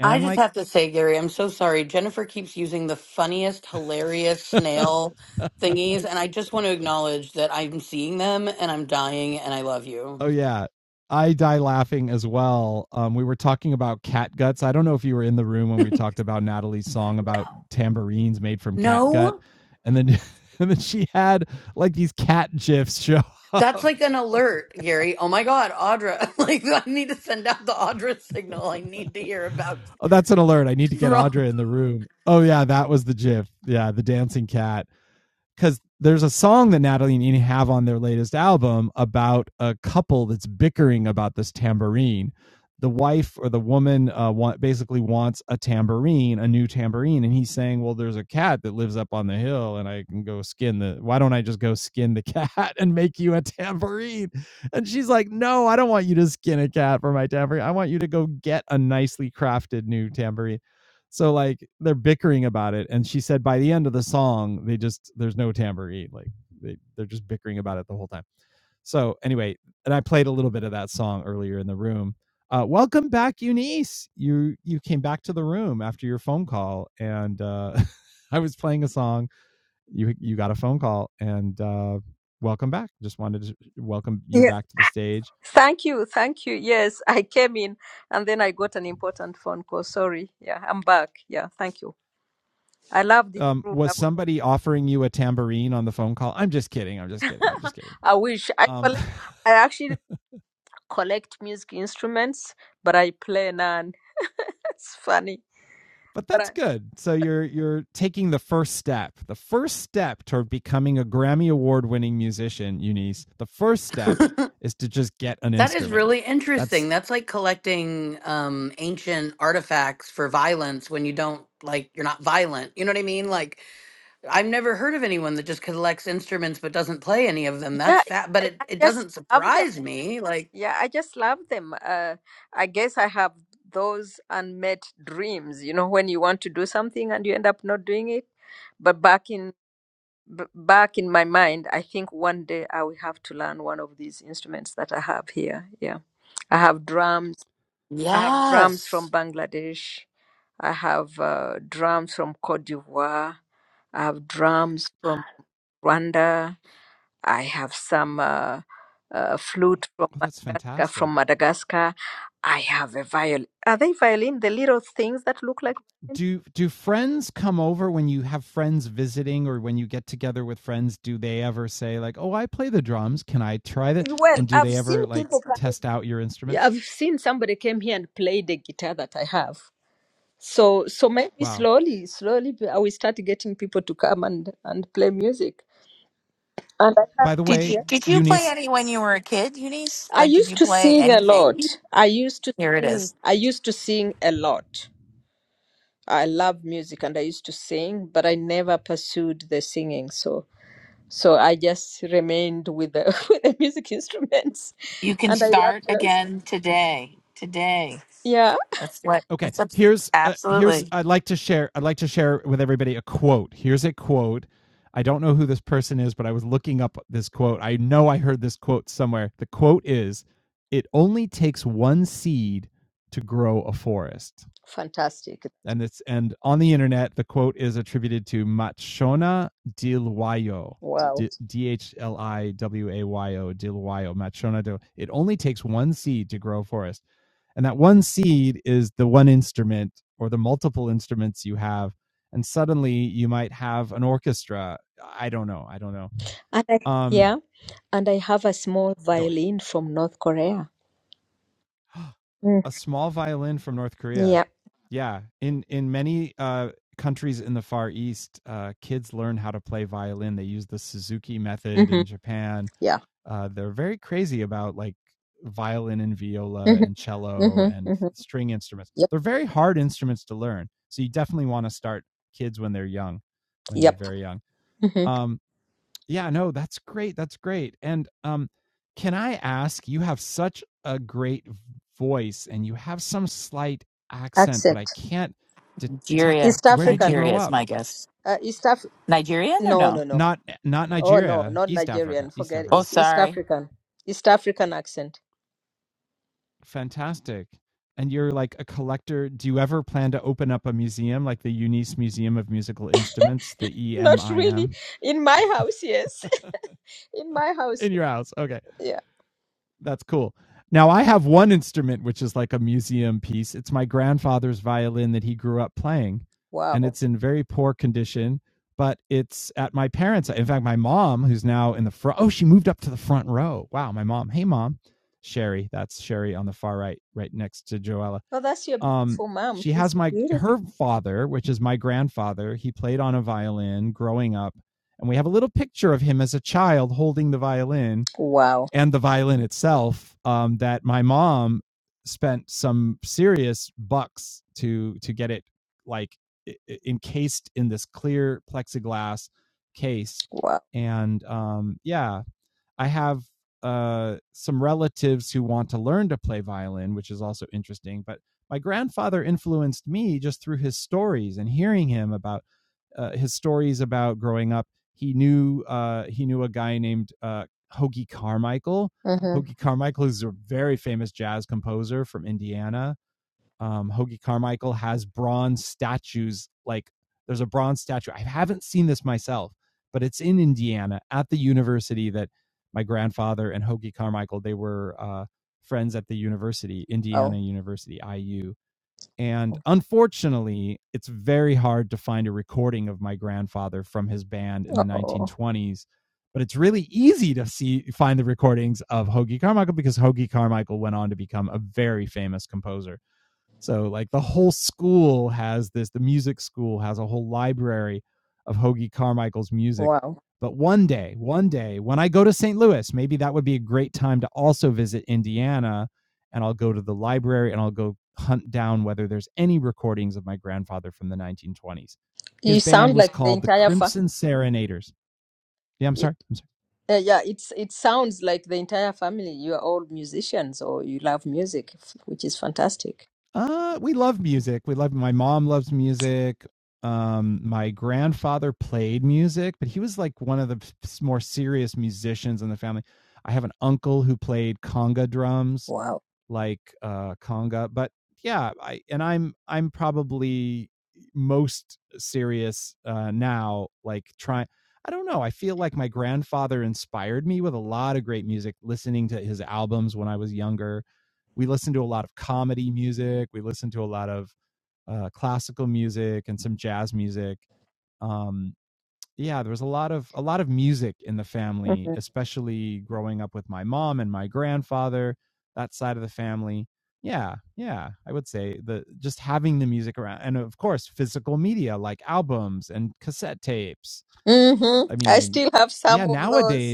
[SPEAKER 4] I just have to say, Gary, I'm so sorry. Jennifer keeps using the funniest, hilarious snail thingies, and I just want to acknowledge that I'm seeing them and I'm dying and I love you. No. That's like an alert, Gary. Oh my God, Audra. Like, I need to send out the Audra signal. I need to hear about Rome.
[SPEAKER 3] Yeah. Thank you, thank you. Yes, I came in and then I got an important phone call. Sorry. Yeah, I'm back. Yeah, thank you. I love this room. I, I wish I collect, I actually collect music instruments, but I play none. It's funny. But I,
[SPEAKER 4] that is really interesting. That's like collecting um, ancient artifacts for violence when you don't, like, you're not violent. You know what I mean? Like, I've never heard of anyone that just collects instruments but doesn't play any of them. That's
[SPEAKER 3] yeah,
[SPEAKER 4] fat, but
[SPEAKER 3] I,
[SPEAKER 4] it,
[SPEAKER 3] I
[SPEAKER 4] it
[SPEAKER 3] just
[SPEAKER 4] doesn't
[SPEAKER 3] love them.
[SPEAKER 4] surprise me. Like,
[SPEAKER 3] Yeah, I just love them. Uh, I guess I have those unmet dreams, you know, when you want to do something and you end up not doing it. But back in b- back in my mind, I think one day I will have to learn one of these instruments that I have here. Yeah. I have drums. I have drums from
[SPEAKER 4] yes.
[SPEAKER 3] Bangladesh. I have uh, drums from Cote d'Ivoire. I have drums from. Rwanda. I have some uh, uh, flute from Madagascar. From Madagascar, I have a violin. Are they violin? The little things that look like. Well, I've seen people playing. Yeah, I've seen somebody came here and played the guitar that I have. So, so maybe slowly, slowly, I will start getting people to come and and play music. And I have,
[SPEAKER 2] Did you
[SPEAKER 3] yeah.
[SPEAKER 2] did you play any when you were a kid, Eunice?
[SPEAKER 3] I
[SPEAKER 2] Like did
[SPEAKER 3] used
[SPEAKER 2] you
[SPEAKER 3] to
[SPEAKER 2] play
[SPEAKER 3] sing a lot.
[SPEAKER 2] anything?
[SPEAKER 3] I used to
[SPEAKER 2] Here it
[SPEAKER 3] sing.
[SPEAKER 2] is.
[SPEAKER 3] I used to sing a lot. I love music and I used to sing, but I never pursued the singing. So so I just remained with the with the music instruments,
[SPEAKER 2] You can
[SPEAKER 3] and I love
[SPEAKER 2] start
[SPEAKER 3] jazz.
[SPEAKER 2] again today. Today.
[SPEAKER 3] Yeah,
[SPEAKER 2] That's what. That's abs- absolutely
[SPEAKER 3] fantastic. Wow. And I, yeah, and I have a small violin from North Korea. Mm. Yeah. hmm Yeah. hmm hmm hmm Yep. Yep. hmm Accent.
[SPEAKER 2] Nigeria.
[SPEAKER 3] East African.
[SPEAKER 2] Nigeria is my guess.
[SPEAKER 3] Uh, East Af.
[SPEAKER 2] Nigerian or
[SPEAKER 3] No, no,
[SPEAKER 2] no?
[SPEAKER 3] no. Oh no, not Nigerian. Forget it.
[SPEAKER 2] Oh,
[SPEAKER 3] it's East
[SPEAKER 2] sorry.
[SPEAKER 3] African. East African accent. Not really. In my house, yes. In my house, yeah. Wow. Oh, that's your beautiful mom. She's beautiful. Wow. Wow. Mm-hmm. Wow. Oh. Wow. You sound like the entire fa. Yeah, yeah. It's it sounds like the entire family. You are all musicians, or you love music, f- which is fantastic. Wow. Mm-hmm. Mm-hmm. I still have some of those.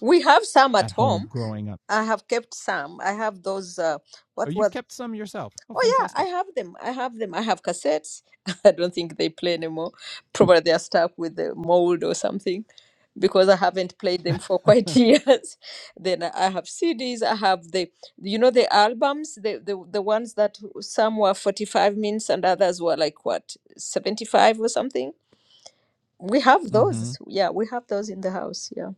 [SPEAKER 3] We have some at home. I have kept some. I have those. Uh, what were? Oh yeah, I have them. I have them. I have cassettes. I don't think they play anymore. Probably they are stuck with the mold or something, because I haven't played them for quite years. then I have CDs. I have the, you know, the albums. The the the ones that some were forty five minutes and others were like what seventy five or something. We have those. Yeah, we have those in the house. Yeah,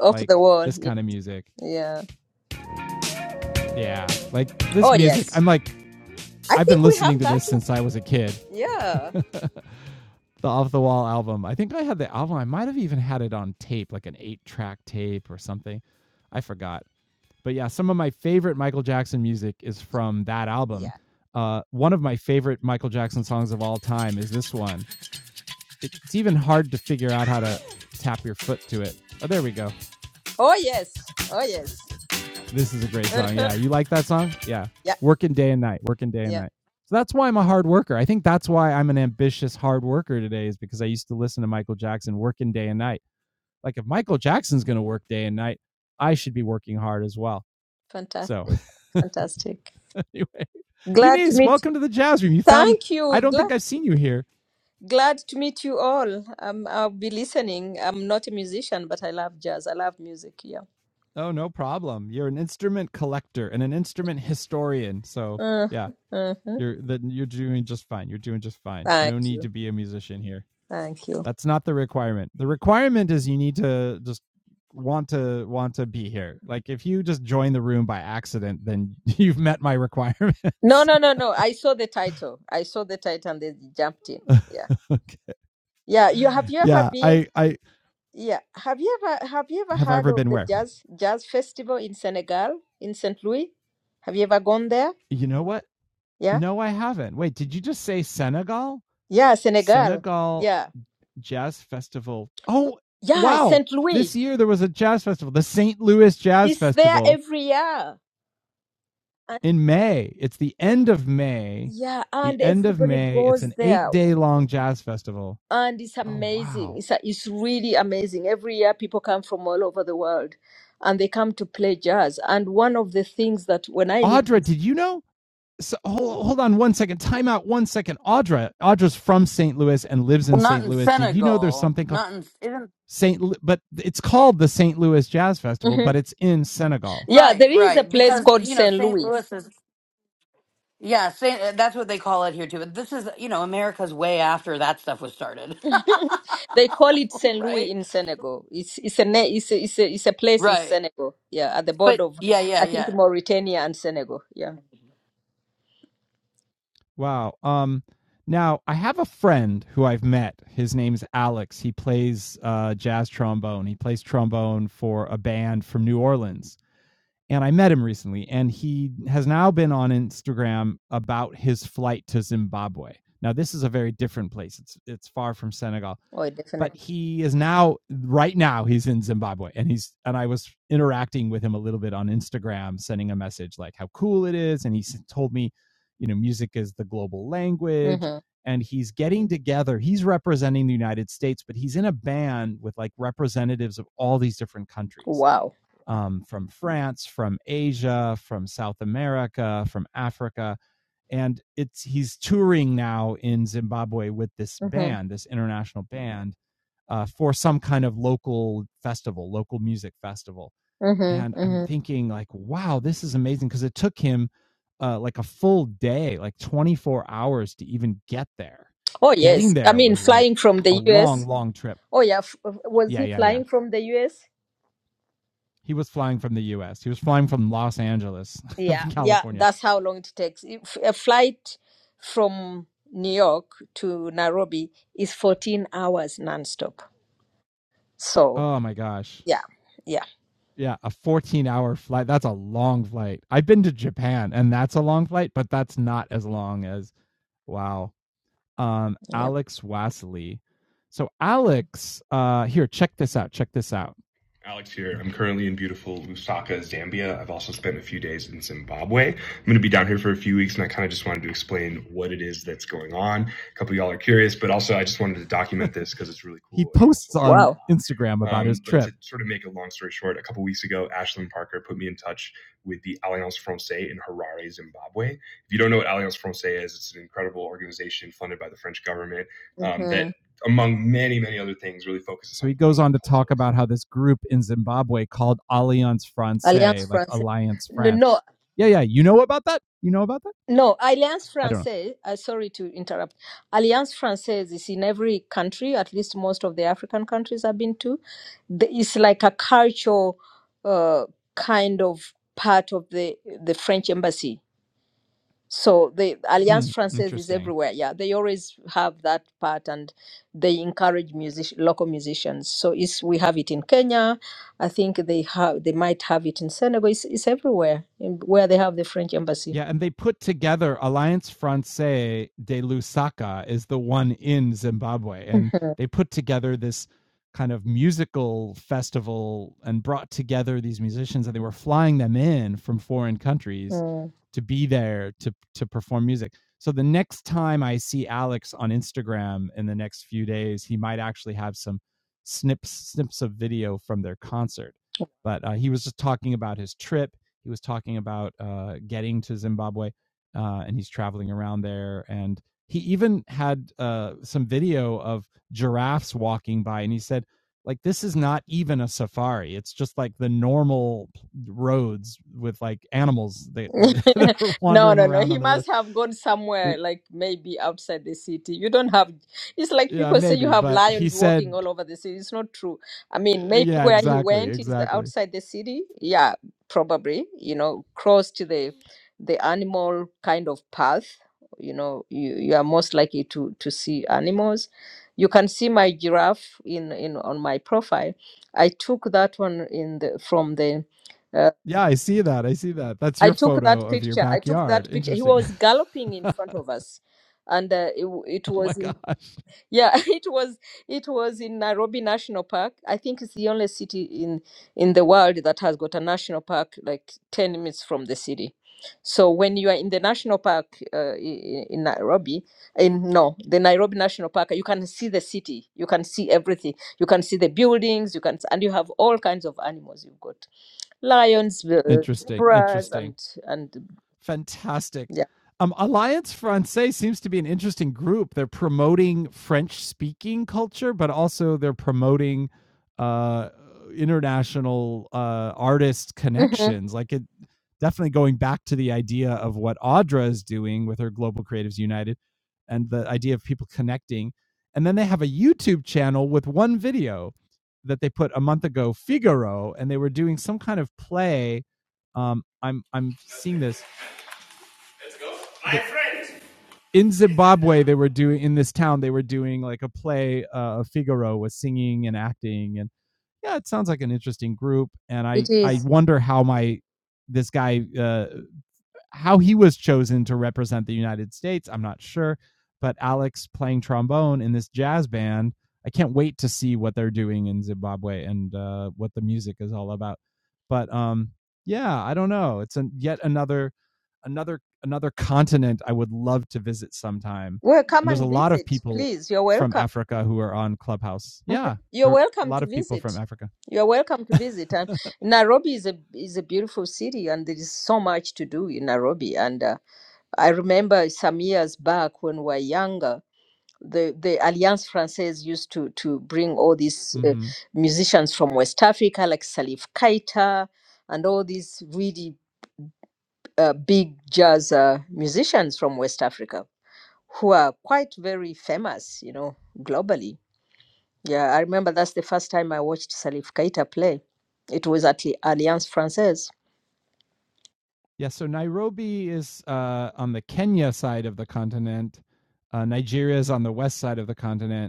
[SPEAKER 3] off the wall. Yeah. yeah. Oh yes. I think we have that one. Yeah. Yeah. Oh yes. Oh yes. Uh-huh. Yeah. Yeah. Fantastic. Fantastic. Glad to meet. Thank you. Glad glad to meet you all. Um, I'll be listening. I'm not a musician, but I love jazz. I love music. Yeah. Uh-huh. Uh-huh. Thank you. Thank you. No, no, no, no. I saw the title. I saw the title and they jumped in. Yeah. Yeah. You have you ever been? Yeah. Have you ever have you ever heard of the jazz jazz festival in Senegal, in Saint Louis? Have you ever gone there? Yeah. Yeah, Senegal. Yeah. Yeah, Saint Louis. It's there every year. And yeah, and everybody goes there. And it's amazing. It's a, it's really amazing. Every year people come from all over the world and they come to play jazz. And one of the things that when I lived in,
[SPEAKER 4] Well, not in Senegal. Not in. Isn't
[SPEAKER 3] Mhm. yeah,
[SPEAKER 4] Right,
[SPEAKER 3] there is a
[SPEAKER 4] right.
[SPEAKER 3] place
[SPEAKER 4] Because,
[SPEAKER 3] called
[SPEAKER 4] you know,
[SPEAKER 3] Saint
[SPEAKER 4] St.
[SPEAKER 3] Louis
[SPEAKER 4] Louis is, yeah, Saint, uh, that's what they call it here too. But this is, you know, America's way after that stuff was started.
[SPEAKER 3] They call it Saint Louis
[SPEAKER 4] right?
[SPEAKER 3] in Senegal. It's it's a na- it's a, it's a it's a place in
[SPEAKER 4] Right.
[SPEAKER 3] Senegal. Yeah, at the
[SPEAKER 4] But
[SPEAKER 3] border of
[SPEAKER 4] yeah, yeah,
[SPEAKER 3] I think
[SPEAKER 4] yeah.
[SPEAKER 3] Mauritania and Senegal. Yeah. Oh, definitely. hmm Wow. hmm hmm hmm Oh yes. I mean, flying from the U.S. Oh yeah. F- uh, was he flying from the U.S.? Yeah. Yeah. That's how long it takes. If a flight from New York to Nairobi is 14 hours nonstop. So yeah. Yeah. Yeah. Wow. Mm-hmm. Alliance Française. No, no, no. Alliance Française. Uh, sorry to interrupt. Alliance Française is in every country. At least most of the African countries I've been to. The- It's like a cultural uh, kind of part of the the French embassy so the Alliance Française is everywhere. Yeah, they always have that part, and they encourage music, local musicians. So it's, we have it in Kenya. I think they have, they might have it in Senegal. It's, it's everywhere in, where they have the French embassy. Mhm. No, no, no. He must have gone somewhere, like maybe outside the city. You don't have, it's like people say you have lions walking all over the city. It's not true. I mean, maybe where he went is outside the city. Yeah, probably, you know, close to the the animal kind of path. You know, you, you are most likely to to see animals. You can see my giraffe in in on my profile. I took that one in the from the uh, I took that picture. I took that picture. He was galloping in front of us, and uh, it, w- it was in yeah, it was it was in Nairobi National Park. I think it's the only city in in the world that has got a national park like ten minutes from the city. So when you are in the national park uh, in, in Nairobi, in no, the Nairobi National Park, you can see the city. You can see everything. You can see the buildings. You can and you have all kinds of animals. You've got. Lionsville, zebras, and and yeah. Mhm. It is. Well, come and visit, please. You're welcome. Mhm. You're welcome to visit. You're welcome to visit. And Nairobi is a is a beautiful city, and there is so much to do in Nairobi. And uh, I remember some years back when we were younger, the the Alliance Française used to to bring all these uh, musicians from West Africa, like Salif Keita, and all these really uh, big jazz uh, musicians from West Africa who are quite very famous, you know, globally. Yeah, I remember that's the first time I watched Salif Keita play. It was at the Alliance Francaise.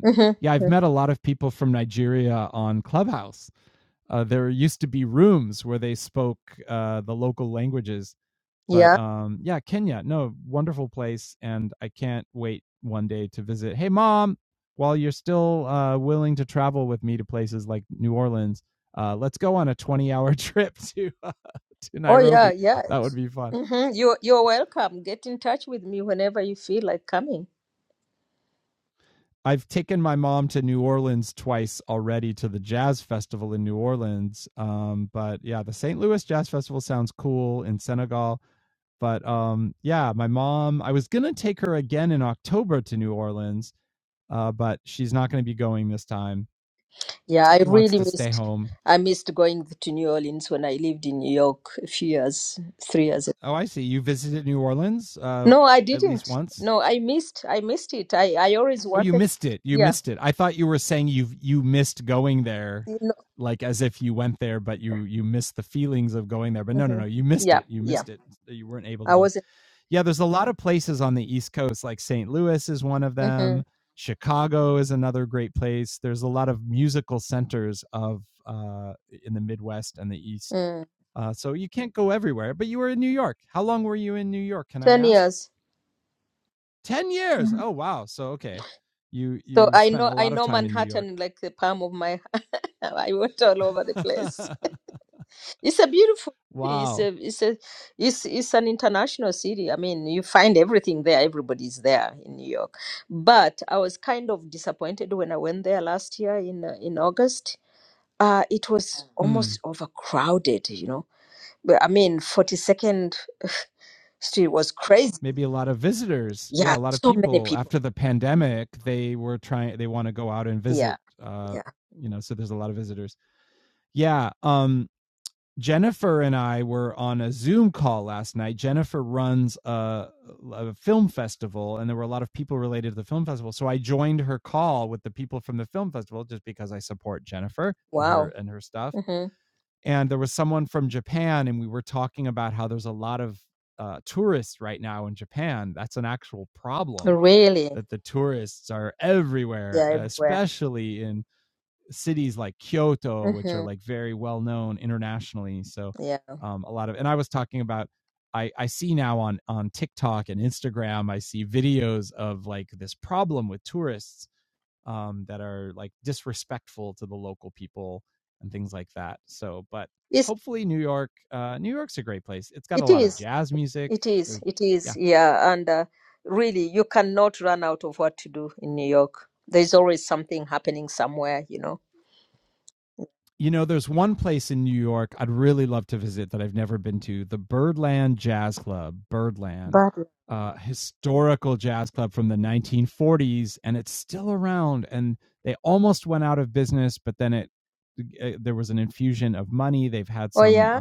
[SPEAKER 3] hmm Yeah. Oh yeah, yeah. hmm You're you're welcome. Get in touch with me whenever you feel like coming. Yeah, I really missed. I missed going to New Orleans when I lived in New York a few years, three years No, I didn't. No, I missed. I missed it. I, I always wanted. Yeah. You know, mhm. Yeah. Yeah. I wasn't. hmm Mm. Ten years. Mhm. So I know I know Manhattan like the palm of my hand. I went all over the place. It's a beautiful city. It's a it's a it's it's an international city. I mean, you find everything there. Everybody's there in New York. But I was kind of disappointed when I went there last year in uh, in August uh, it was almost overcrowded, you know. But I mean, 42nd Street was crazy. Yeah, so many people. Yeah, yeah. Wow. hmm Really? They're everywhere. hmm Yeah. It's, it is. It is. It is. Yeah. And uh, really, you cannot run out of what to do in New York. There's always something happening somewhere, you know. But, oh, yeah.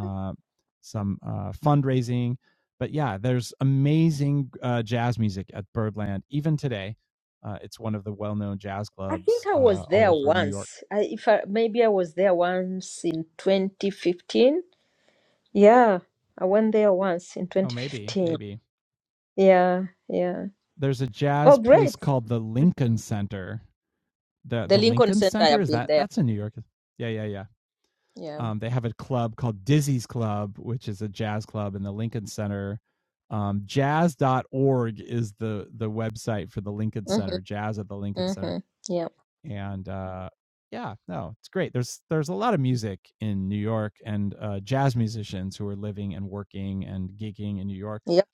[SPEAKER 3] I think I was there once. I, if I, maybe I was there once in 2015. Yeah, I went there once in 2015. Yeah, yeah. Oh, great. The Lincoln Center, I have been there. Yeah. Mm-hmm, mm-hmm. Yeah. Yep.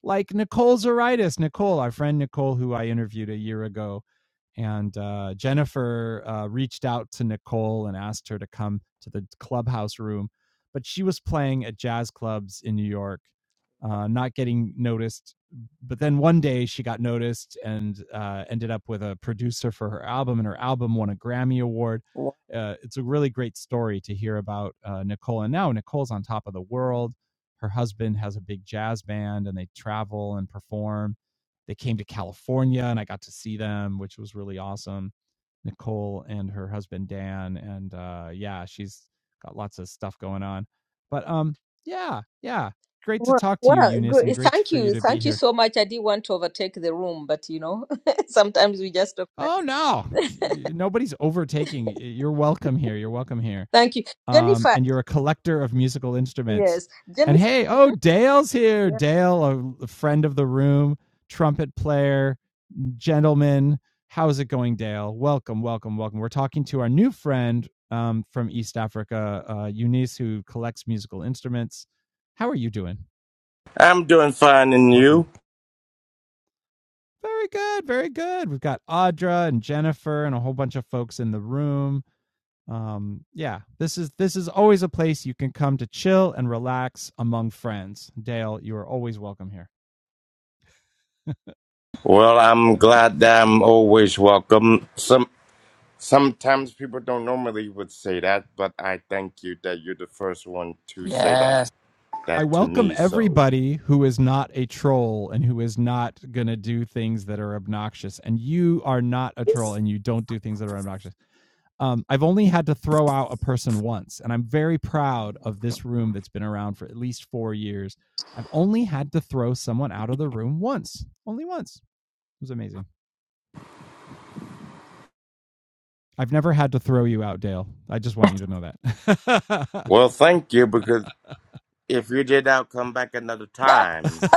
[SPEAKER 3] Wow. Well, well, good. Thank you. Thank you so much. I didn't want to overtake the room, but you know, sometimes we just don't. Thank you. Jennifer, yes. Jennifer. Yeah.
[SPEAKER 5] I'm doing fine, and you? Well, I'm glad that I'm always welcome. Some sometimes people don't normally would say that, but I thank you that you're the first one to say that
[SPEAKER 2] Yes.
[SPEAKER 5] that to me. So, well, thank you because if you did, I'll come back another time.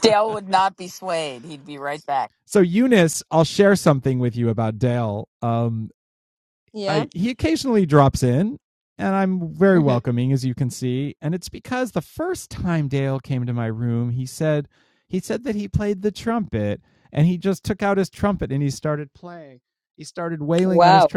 [SPEAKER 2] Dale would not be swayed. He'd be right back.
[SPEAKER 3] Yeah. hmm Wow.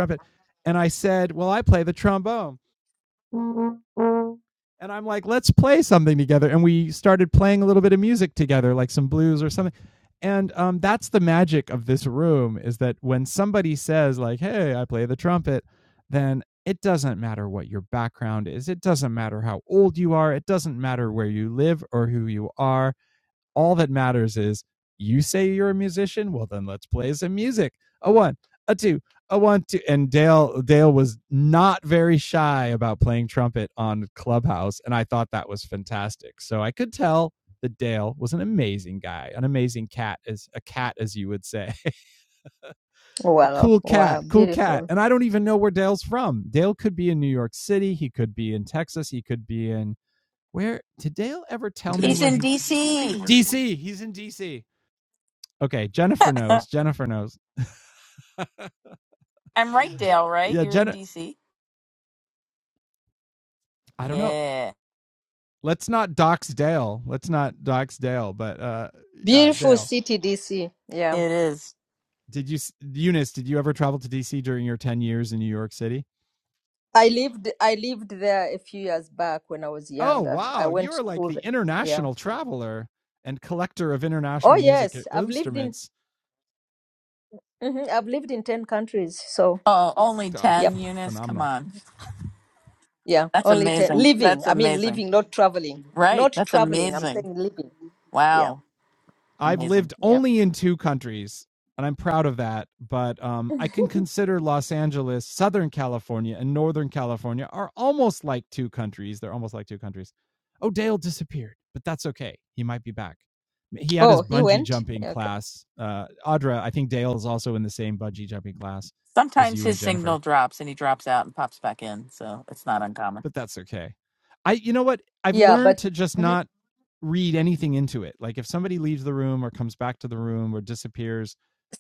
[SPEAKER 3] Wow. Wow. Beautiful.
[SPEAKER 2] He's in D.C. I'm right, Dale. Right? You're in D.C. Yeah,
[SPEAKER 3] Beautiful city, DC. Yeah.
[SPEAKER 2] it is.
[SPEAKER 3] I lived I lived there a few years back when I was younger. I went to school there. Yeah. Oh yes, I've lived in mhm, I've lived in 10 countries. So,
[SPEAKER 2] Oh, only ten,
[SPEAKER 3] yep.
[SPEAKER 2] Eunice. Come on,
[SPEAKER 3] Yeah,
[SPEAKER 2] that's
[SPEAKER 3] only 10
[SPEAKER 2] amazing.
[SPEAKER 3] living.
[SPEAKER 2] That's
[SPEAKER 3] I mean
[SPEAKER 2] amazing.
[SPEAKER 3] living, not traveling.
[SPEAKER 2] Right?
[SPEAKER 3] Not
[SPEAKER 2] That's
[SPEAKER 3] traveling. I'm
[SPEAKER 2] amazing.
[SPEAKER 3] saying living. Yeah.
[SPEAKER 2] Wow, amazing.
[SPEAKER 3] Yeah. Oh, he went. Yeah, Okay.
[SPEAKER 2] Sometimes his signal drops and he drops out and pops back in, so it's not uncommon.
[SPEAKER 3] Yeah, but mhm.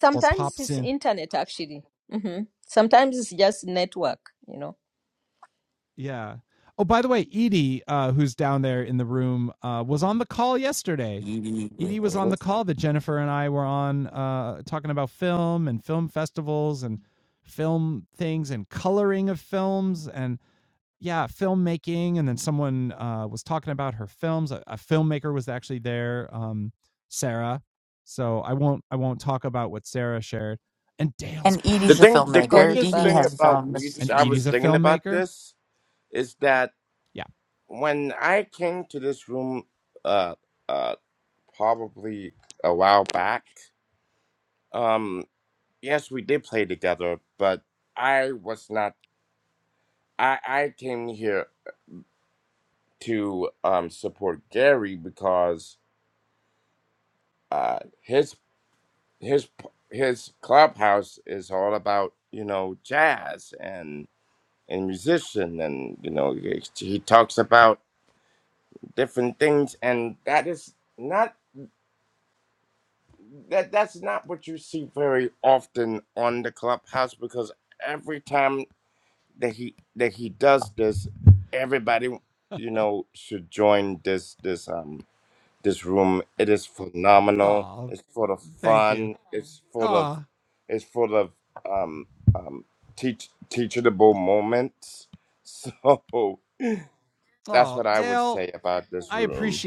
[SPEAKER 3] sometimes it's internet actually. hmm Sometimes it's just network, you know.
[SPEAKER 2] And
[SPEAKER 5] The
[SPEAKER 2] Edie's a
[SPEAKER 5] thing, the
[SPEAKER 3] Oh,
[SPEAKER 2] filmmaker.
[SPEAKER 3] he's
[SPEAKER 5] greatest
[SPEAKER 2] Edie
[SPEAKER 3] back.
[SPEAKER 5] thing
[SPEAKER 2] has
[SPEAKER 5] about
[SPEAKER 2] filmed.
[SPEAKER 5] music, I was thinking about this, is that when I came to this room, uh, uh, probably a while back. Um, yes, we did play together, but I was not. I I came here to um support Gary because uh his his his clubhouse is all about you know jazz and and musician and you know he, he talks about different things and that is not that that's not what you see very often on the clubhouse because every time that he that he does this everybody you know should join this this um this room it is phenomenal it's full of fun it's full of it's full of um um teach teachable moments so that's what i would say about this room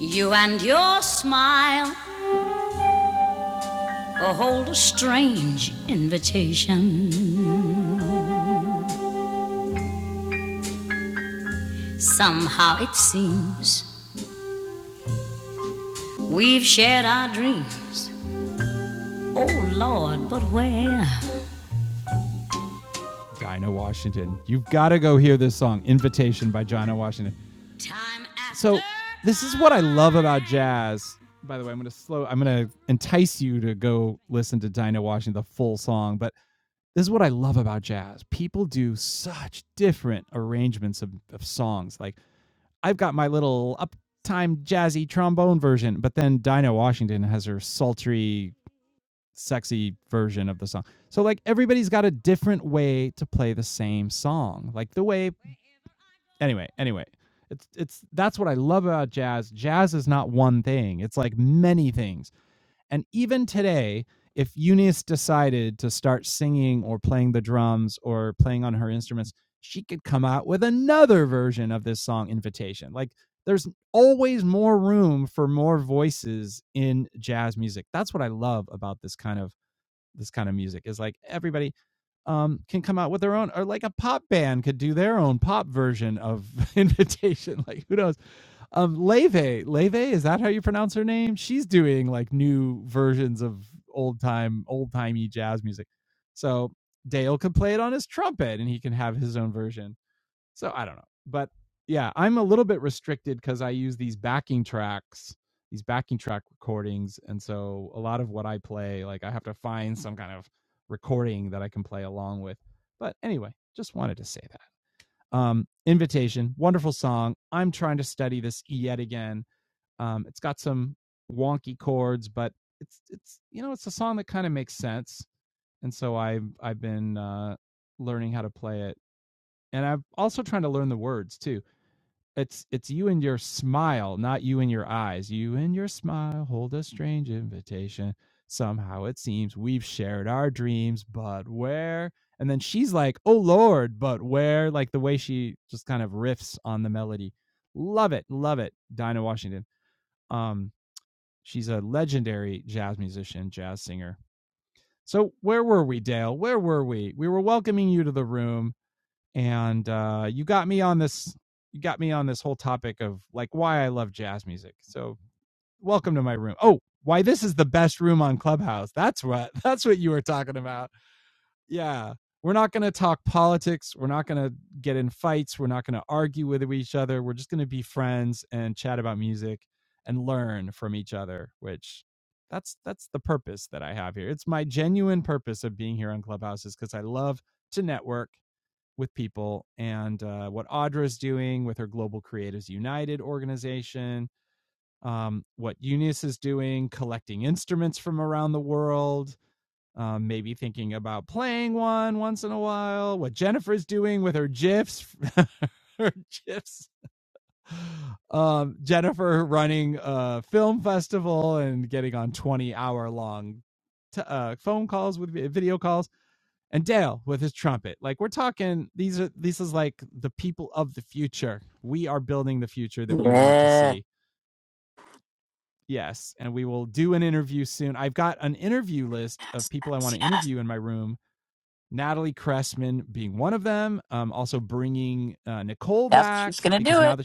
[SPEAKER 1] You and your smile hold a strange invitation. Somehow it seems we've shared our dreams. Oh Lord, but where?
[SPEAKER 2] Yes, yes, yes. Yep, she's gonna do it.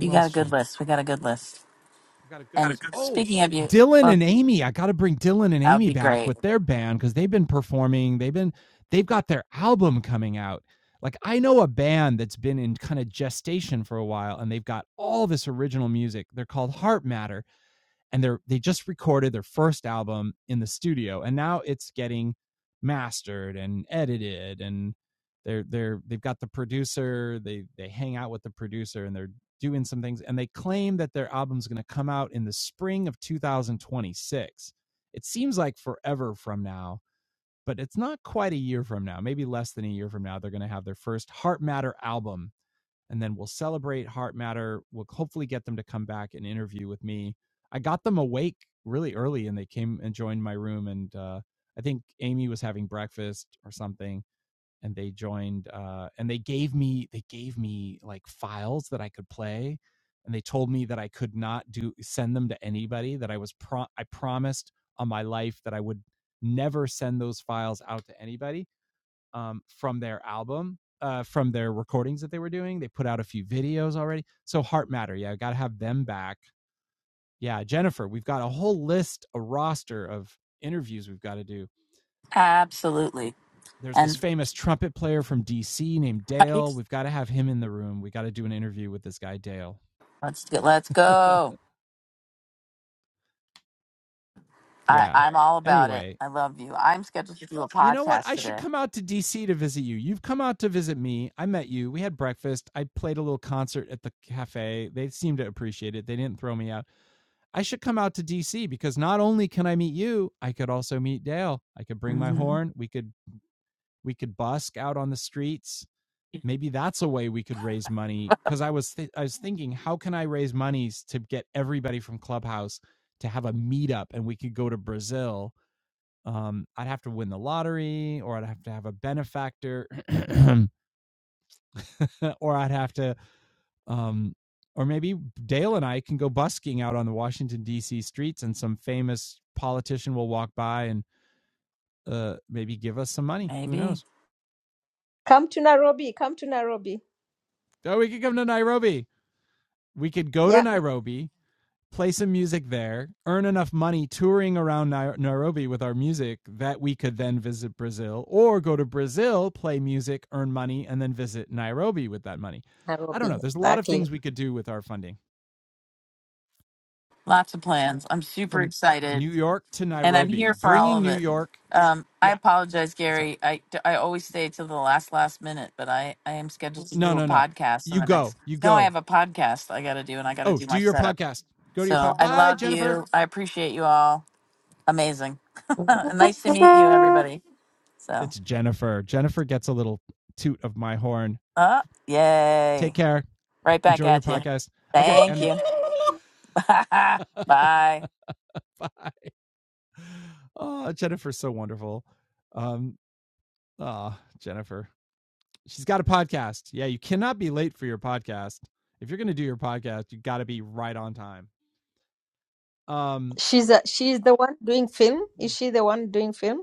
[SPEAKER 2] You got a good list. We got a good list. And Got a good- list. speaking of you, well, that would be great. Absolutely. And right, let's get, let's go. I, I'm all about it. I love you. I'm scheduled to do a podcast today. hmm Maybe
[SPEAKER 3] Come to Nairobi. Come to Nairobi. Yeah. Nairobi, exactly.
[SPEAKER 2] lots of plans. I'm super excited. and I'm here for all of it. Um, I apologize, Gary. I, I always stay till the last last minute, but I I am scheduled to do a podcast on the next. No, I have a podcast I got to do, and I got to do my setup. So I love you. I appreciate you all. Amazing. nice to meet you, everybody. So, uh, yay! Right back at you. Thank you. Bye.
[SPEAKER 3] She's a, she's the one doing film. Is she the one doing film?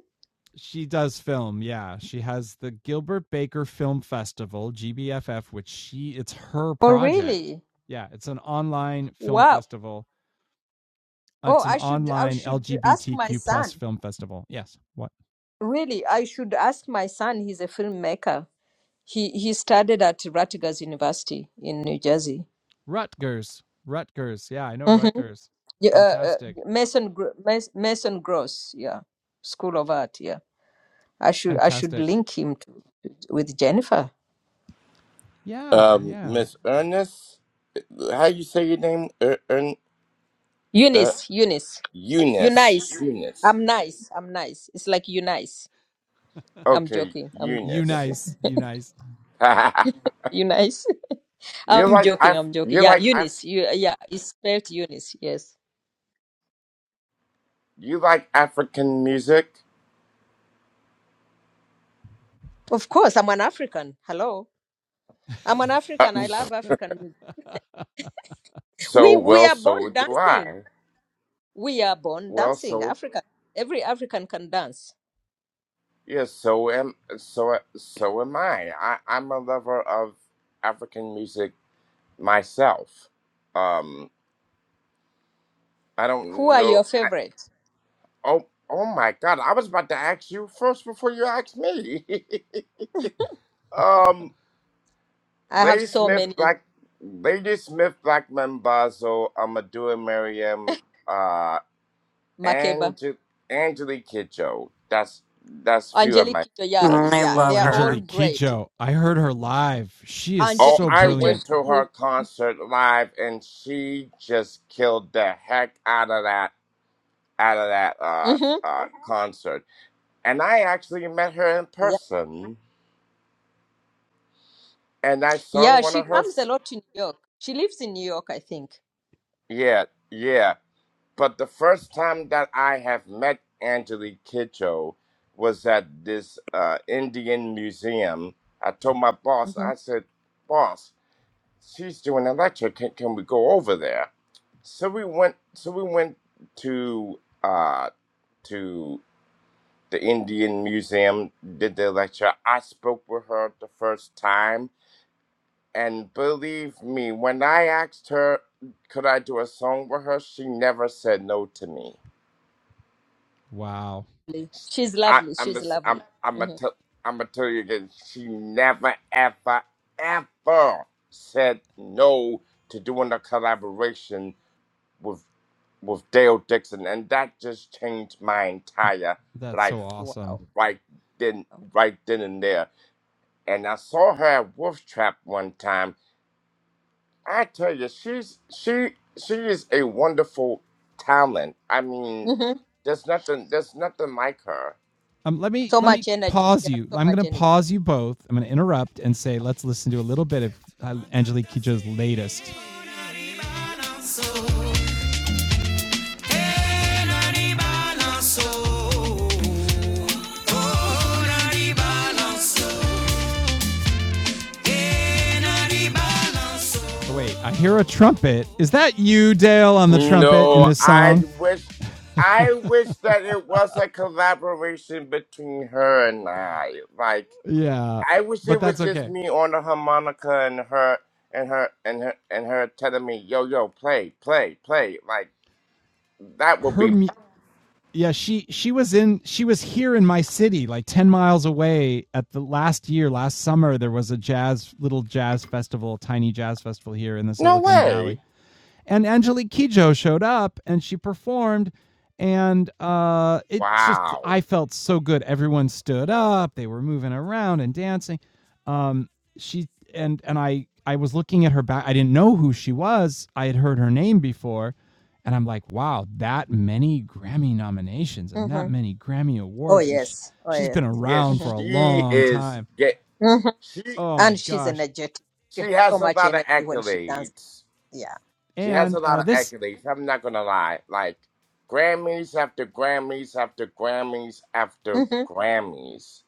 [SPEAKER 3] Oh, really? Wow. Oh, I should I should ask my son. Really, I should ask my son. He's a filmmaker. He he studied at Rutgers University in New Jersey. hmm Yeah, uh, uh, Mason Gro- Mas- Mason Gross, yeah, School of Art. Yeah, I should I should link him to, to- with Jennifer.
[SPEAKER 5] um miss ernest how you say your name er, Ern- uh,
[SPEAKER 3] Eunice, Eunice, you
[SPEAKER 5] eunice
[SPEAKER 3] nice.
[SPEAKER 5] eunice
[SPEAKER 3] I'm nice. I'm nice. It's like you nice. I'm
[SPEAKER 5] okay
[SPEAKER 3] joking. I'm
[SPEAKER 5] eunice
[SPEAKER 3] joking. You nice?
[SPEAKER 5] You
[SPEAKER 3] I'm
[SPEAKER 5] like
[SPEAKER 3] joking.
[SPEAKER 5] Af-
[SPEAKER 3] I'm joking.
[SPEAKER 5] you
[SPEAKER 3] Yeah,
[SPEAKER 5] like Af-
[SPEAKER 3] Eunice. You yeah, it's spelled Eunice. Yes.
[SPEAKER 5] you like African music?
[SPEAKER 3] Of course, I'm an African. Hello. I'm an
[SPEAKER 5] Uh,
[SPEAKER 3] African. I love African music.
[SPEAKER 5] so
[SPEAKER 3] We we
[SPEAKER 5] well,
[SPEAKER 3] are
[SPEAKER 5] so
[SPEAKER 3] born
[SPEAKER 5] do
[SPEAKER 3] dancing.
[SPEAKER 5] I.
[SPEAKER 3] We are born
[SPEAKER 5] Well,
[SPEAKER 3] dancing.
[SPEAKER 5] so
[SPEAKER 3] African. Every African can dance.
[SPEAKER 5] yes, so am so so am I. I. I'm a lover of African music myself. Um, I
[SPEAKER 3] Who
[SPEAKER 5] don't
[SPEAKER 3] are your
[SPEAKER 5] know. I,
[SPEAKER 3] favorite?
[SPEAKER 5] oh, oh my God! I was about to ask you first before you asked me. um,
[SPEAKER 3] I have
[SPEAKER 5] Lady
[SPEAKER 3] so
[SPEAKER 5] Smith,
[SPEAKER 3] many.
[SPEAKER 5] Black, Lady Smith, Black Mambazo, Amadou and Miriam.
[SPEAKER 3] Makeba,
[SPEAKER 5] and to Angelique Kidjo. That's that's few of
[SPEAKER 3] Angelique
[SPEAKER 5] my
[SPEAKER 3] Kidjo. Yeah,
[SPEAKER 5] favorite.
[SPEAKER 4] Mm, I
[SPEAKER 3] yeah. They
[SPEAKER 4] love
[SPEAKER 3] are all
[SPEAKER 4] her.
[SPEAKER 3] great.
[SPEAKER 5] Oh,
[SPEAKER 3] Angelique
[SPEAKER 5] I
[SPEAKER 3] Kidjo.
[SPEAKER 5] went
[SPEAKER 3] She,
[SPEAKER 5] to her concert live, and she just killed the heck out of that out of that uh,
[SPEAKER 3] hmm
[SPEAKER 5] uh, concert. And I actually met her in
[SPEAKER 3] yeah.
[SPEAKER 5] person, and I
[SPEAKER 3] yeah,
[SPEAKER 5] sung one
[SPEAKER 3] she
[SPEAKER 5] of her.
[SPEAKER 3] comes a
[SPEAKER 5] s-
[SPEAKER 3] lot to New York. She lives in New York, I think.
[SPEAKER 5] Yeah, yeah. But the first time that I have met Angelique Kidjo was at this uh, Indian museum. I told my boss,
[SPEAKER 3] Mm-hmm.
[SPEAKER 5] I said, "Boss, she's doing a lecture. Can, can we go over there? So we went. So we went to uh, to the Indian Museum. Did the lecture. I spoke with her the first time, and believe me, when I asked her, could I do a song with her, she never said no to me.
[SPEAKER 3] She's
[SPEAKER 5] I,
[SPEAKER 3] lovely.
[SPEAKER 5] I'm a,
[SPEAKER 3] She's
[SPEAKER 5] s- I'm
[SPEAKER 3] lovely.
[SPEAKER 5] I'm a
[SPEAKER 3] hmm
[SPEAKER 5] tell I'm gonna tell you again. She never ever ever said no to doing a collaboration with with Dale Dixon, and that just changed my entire life
[SPEAKER 3] Wow.
[SPEAKER 5] right then, right then and there. And I saw her at Wolf Trap one time. I tell you, she's she she is a wonderful talent. I mean,
[SPEAKER 3] hmm
[SPEAKER 5] there's nothing there's nothing like her.
[SPEAKER 3] So much energy. She has so much energy.
[SPEAKER 5] No, I wish I wish that it was a collaboration between her and I. Like. I wish it was just me on the harmonica and her and her and her and her telling me, "Yo, yo, play, play, play." Like that would be no way. Wow.
[SPEAKER 3] hmm Oh, yes. Oh, yes. hmm
[SPEAKER 5] Yes, she is. Get
[SPEAKER 3] hmm
[SPEAKER 5] she
[SPEAKER 3] And she's energetic. She has
[SPEAKER 5] she
[SPEAKER 3] so
[SPEAKER 5] has a
[SPEAKER 3] much
[SPEAKER 5] lot of
[SPEAKER 3] energy when she dances.
[SPEAKER 5] accolades.
[SPEAKER 3] Yeah.
[SPEAKER 5] She has a lot of accolades. I'm not gonna lie. Like Grammys after Grammys after Grammys after
[SPEAKER 3] hmm
[SPEAKER 5] Grammys.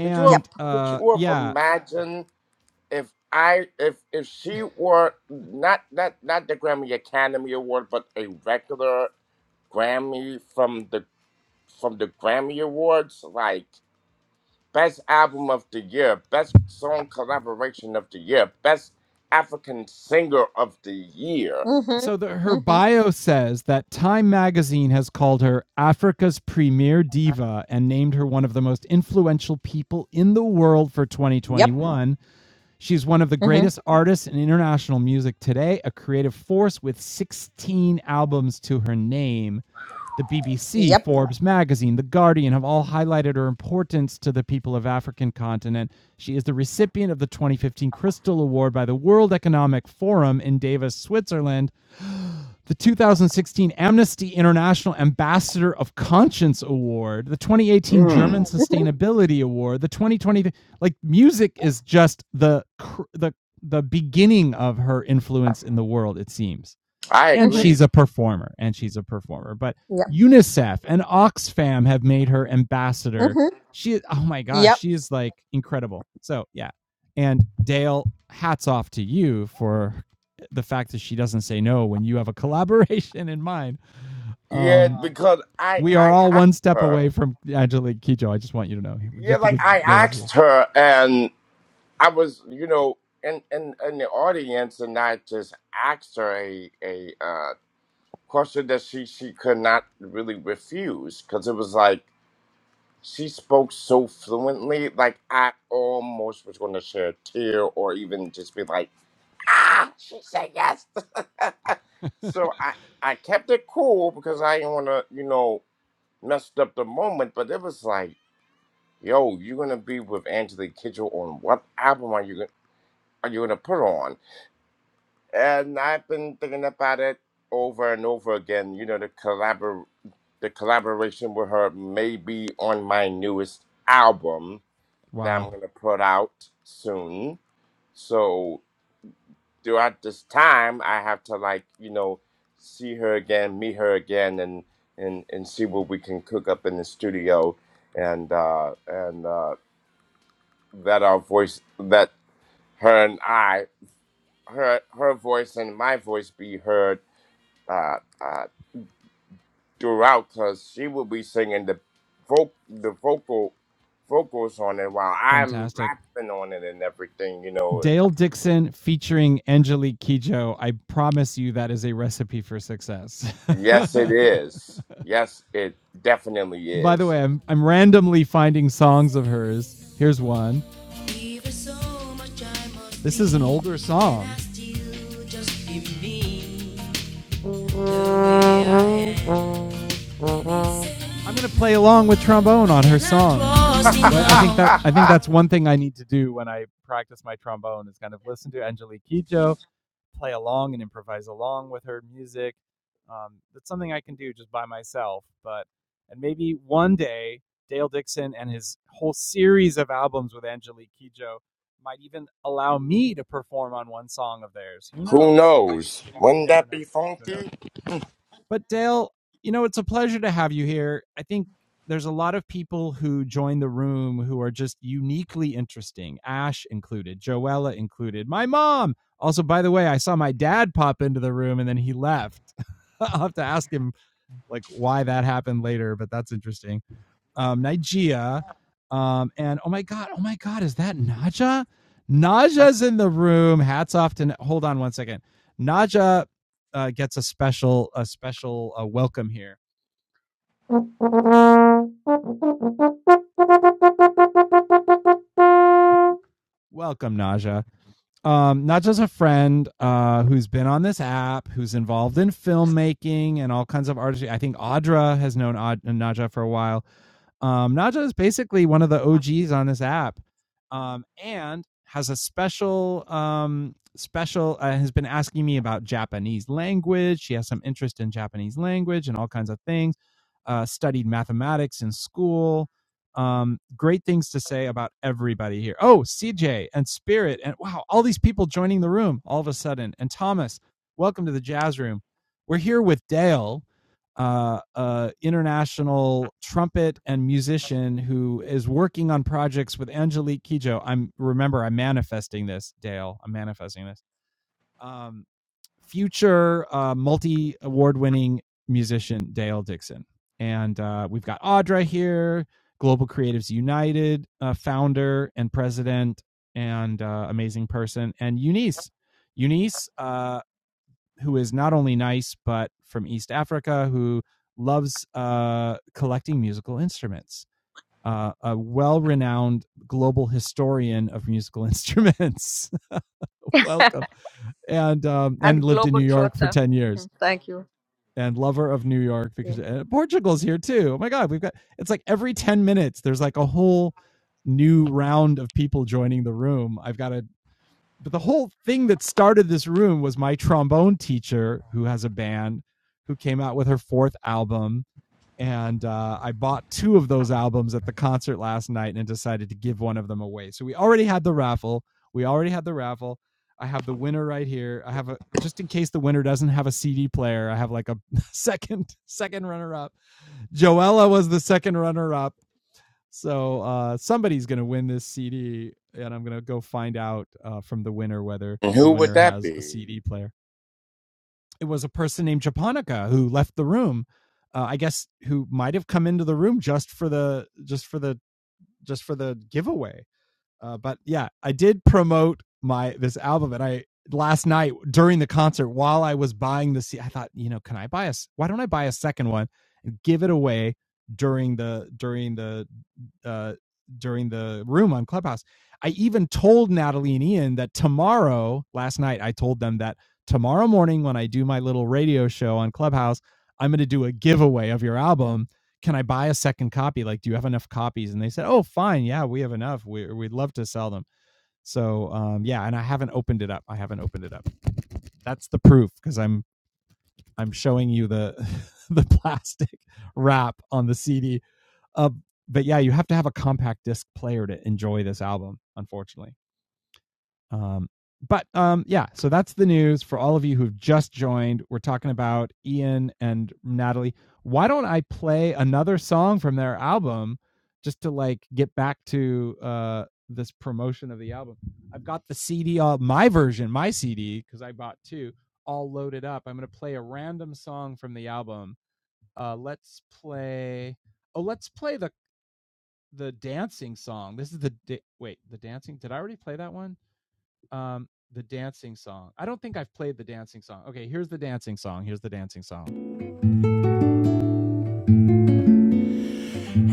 [SPEAKER 5] Could you have
[SPEAKER 3] Yep.
[SPEAKER 5] could you have imagined? if I if if she were not not not the Grammy Academy Award, but a regular Grammy from the from the Grammy Awards, like Best Album of the Year, Best Song Collaboration of the Year, Best African Singer of the Year.
[SPEAKER 3] hmm hmm Yep. hmm Yep.
[SPEAKER 5] Mm.
[SPEAKER 3] hmm
[SPEAKER 5] I
[SPEAKER 3] hmm
[SPEAKER 5] agree.
[SPEAKER 3] Yep. hmm Yep.
[SPEAKER 5] Yeah, because I I asked her. Yeah, like I asked her, and. I was, you know, in, in, in the audience, and I just asked her a, a uh, question that she, she could not really refuse because it was like she spoke so fluently, like I almost was going to shed a tear or even just be like, ah, she said yes. so I, I kept it cool because I didn't want to, you know, mess up the moment, but it was like, yo, you're going to be with Angela Kidjo on what album are you, gonna- are you going to put on? And I've been thinking about it over and over again. You know, the collabor the collaboration with her may be on my newest album that I'm gonna put out soon. So throughout this time, I have to like you know see her again, meet her again, and and and see what we can cook up in the studio, and uh, and uh, that our voice that her and I her her voice and my voice be heard. Uh, uh, throughout because she will be singing the folk the vocal vocals on it while I'm rapping on it and everything, you know. Yes it is. Yes it definitely is. Who knows? Wouldn't that be funky?
[SPEAKER 3] And Global Trotter. hmm Thank you.
[SPEAKER 5] And who would that be?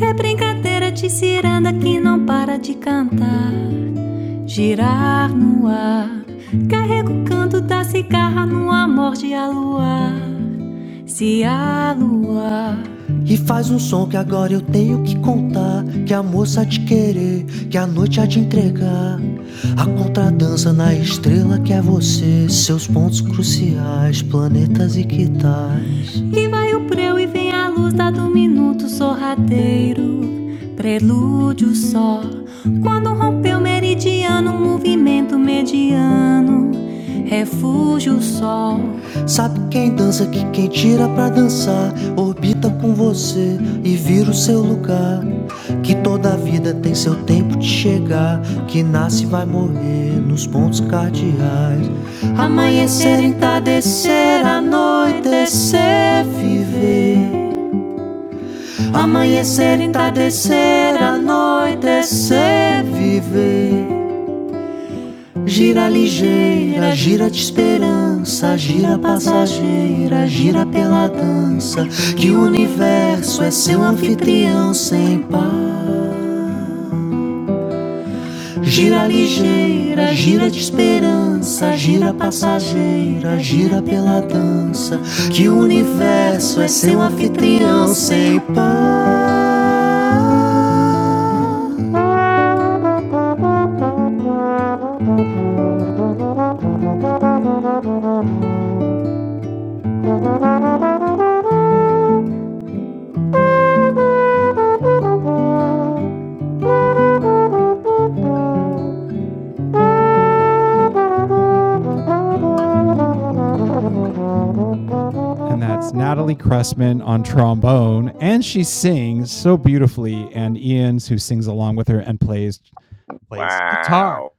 [SPEAKER 1] É brincadeira de ciranda que não para de cantar. girar no ar. Carrego o canto da cigarra no amor de aluar, se aluar. E faz um som que agora eu tenho que contar. Que a moça há de querer, que a noite há de entregar. A contradança na estrela que é você, seus pontos cruciais, planetas e que tais. E vai o preu e vem a luz dado um minuto sorrateiro. Prelúdio só. Quando rompeu meridiano, movimento mediano. Refúgio o sol. Sabe quem dança que quem tira pra dançar, orbita com você e vira o seu lugar. Que toda vida tem seu tempo de chegar, que nasce e vai morrer nos pontos cardeais. Amanhecer, entardecer, anoitecer, viver. Amanhecer, entardecer, anoitecer, viver. Gira ligeira, gira de esperança, gira passageira, gira pela dança, que o universo é seu anfitrião sem par. Gira ligeira, gira de esperança, gira passageira, gira pela dança. Que o universo é seu anfitrião sem par.
[SPEAKER 5] Wow.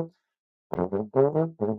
[SPEAKER 1] Thank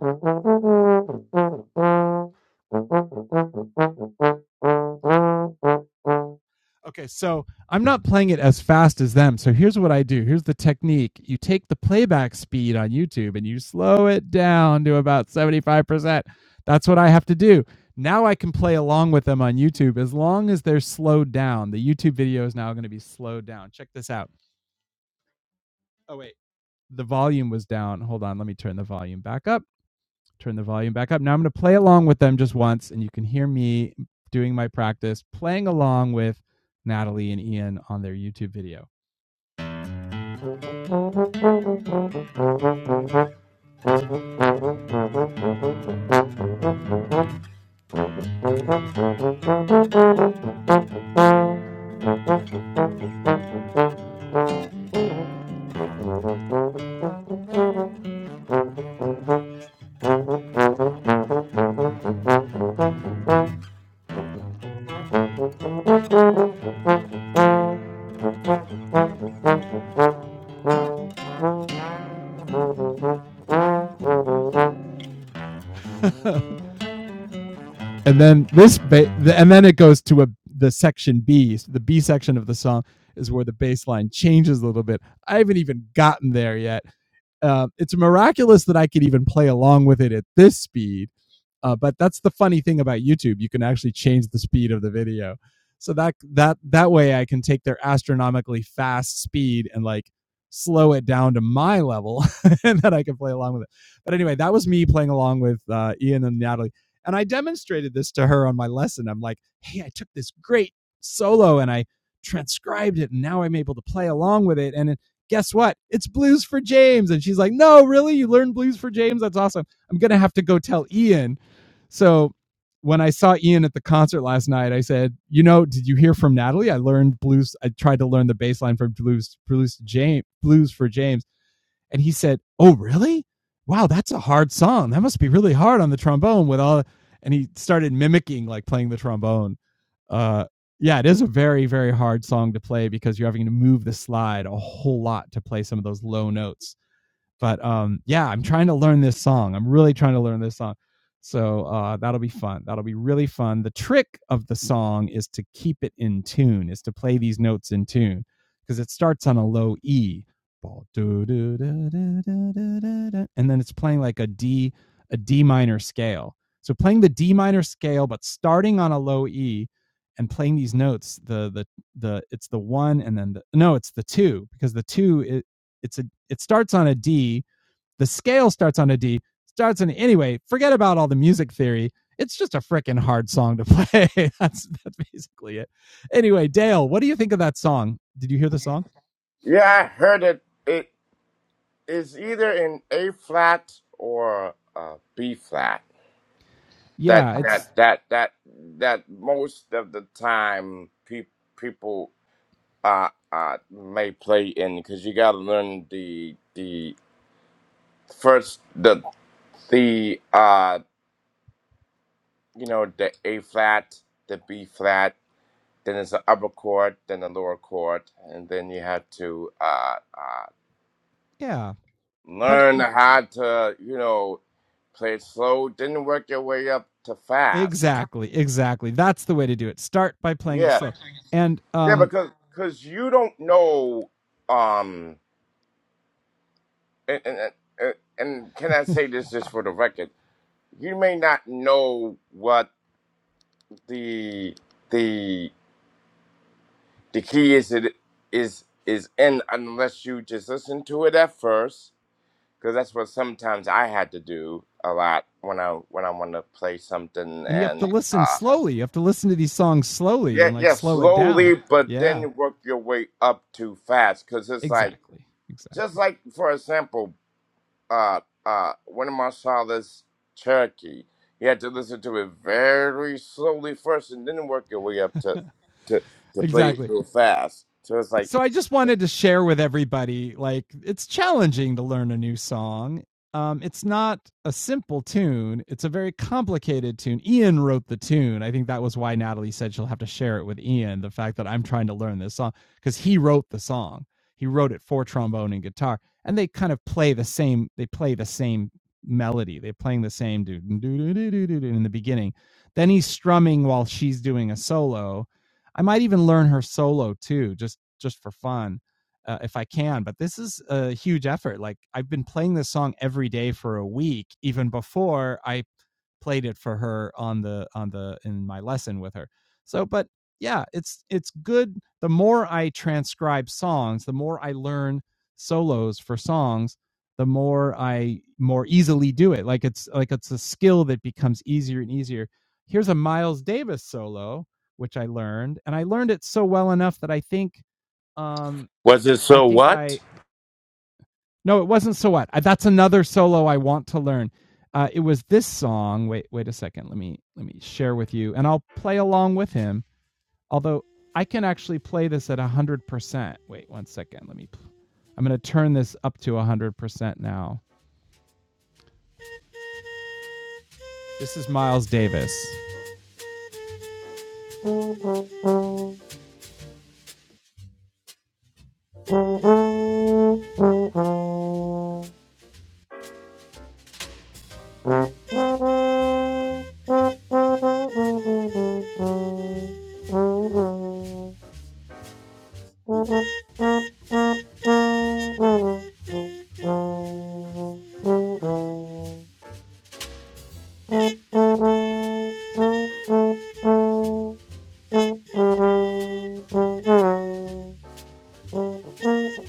[SPEAKER 5] Yeah, I heard it it is either in A flat or uh, B flat. that that that that that most of the time pe- people uh, uh may play in because you gotta learn the the first the the uh you know the A flat the B flat then it's the upper chord then the lower chord and then you have to uh uh learn how to you know play it slow then work your way up to fast yeah, yeah, because because you don't know, um, and, and and and can I say this just for the record? You may not know what the the the key is it is is in unless you just listen to it at first, because that's what sometimes I had to do a lot when I when I want to play something and uh yeah yeah slowly, but then work your way up too fast, because it's like. just like for example, uh, uh, one of my scholars, Cherokee, you had to listen to it very slowly first, and then work your way up to to to play it real fast. So it's like, was it so what?
[SPEAKER 1] you. Thank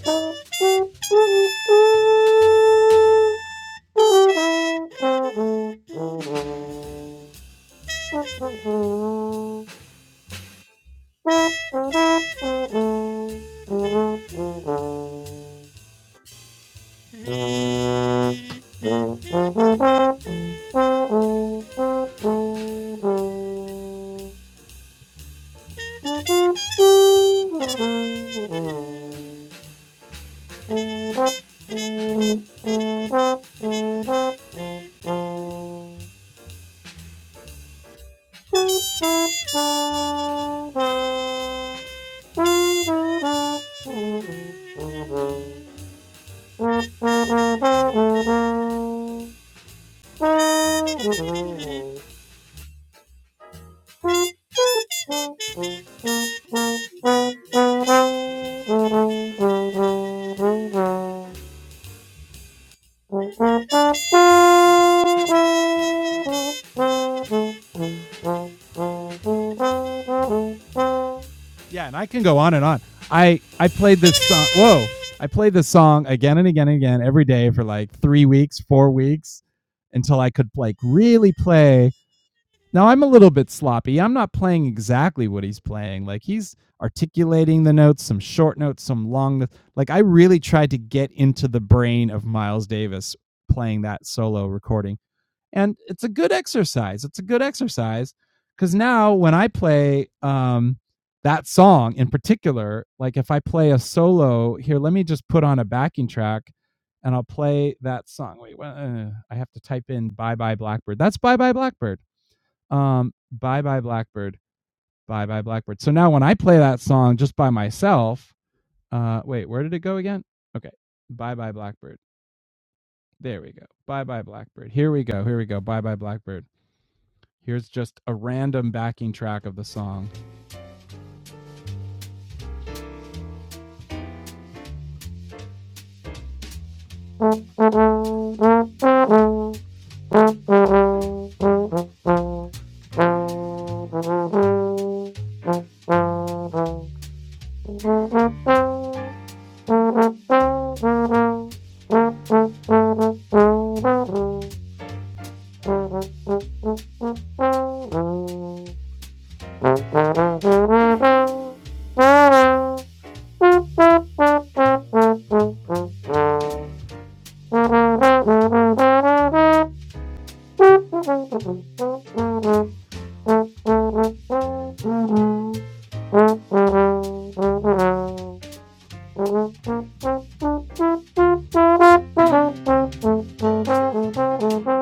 [SPEAKER 1] you. Thank you. Oh. Thank you.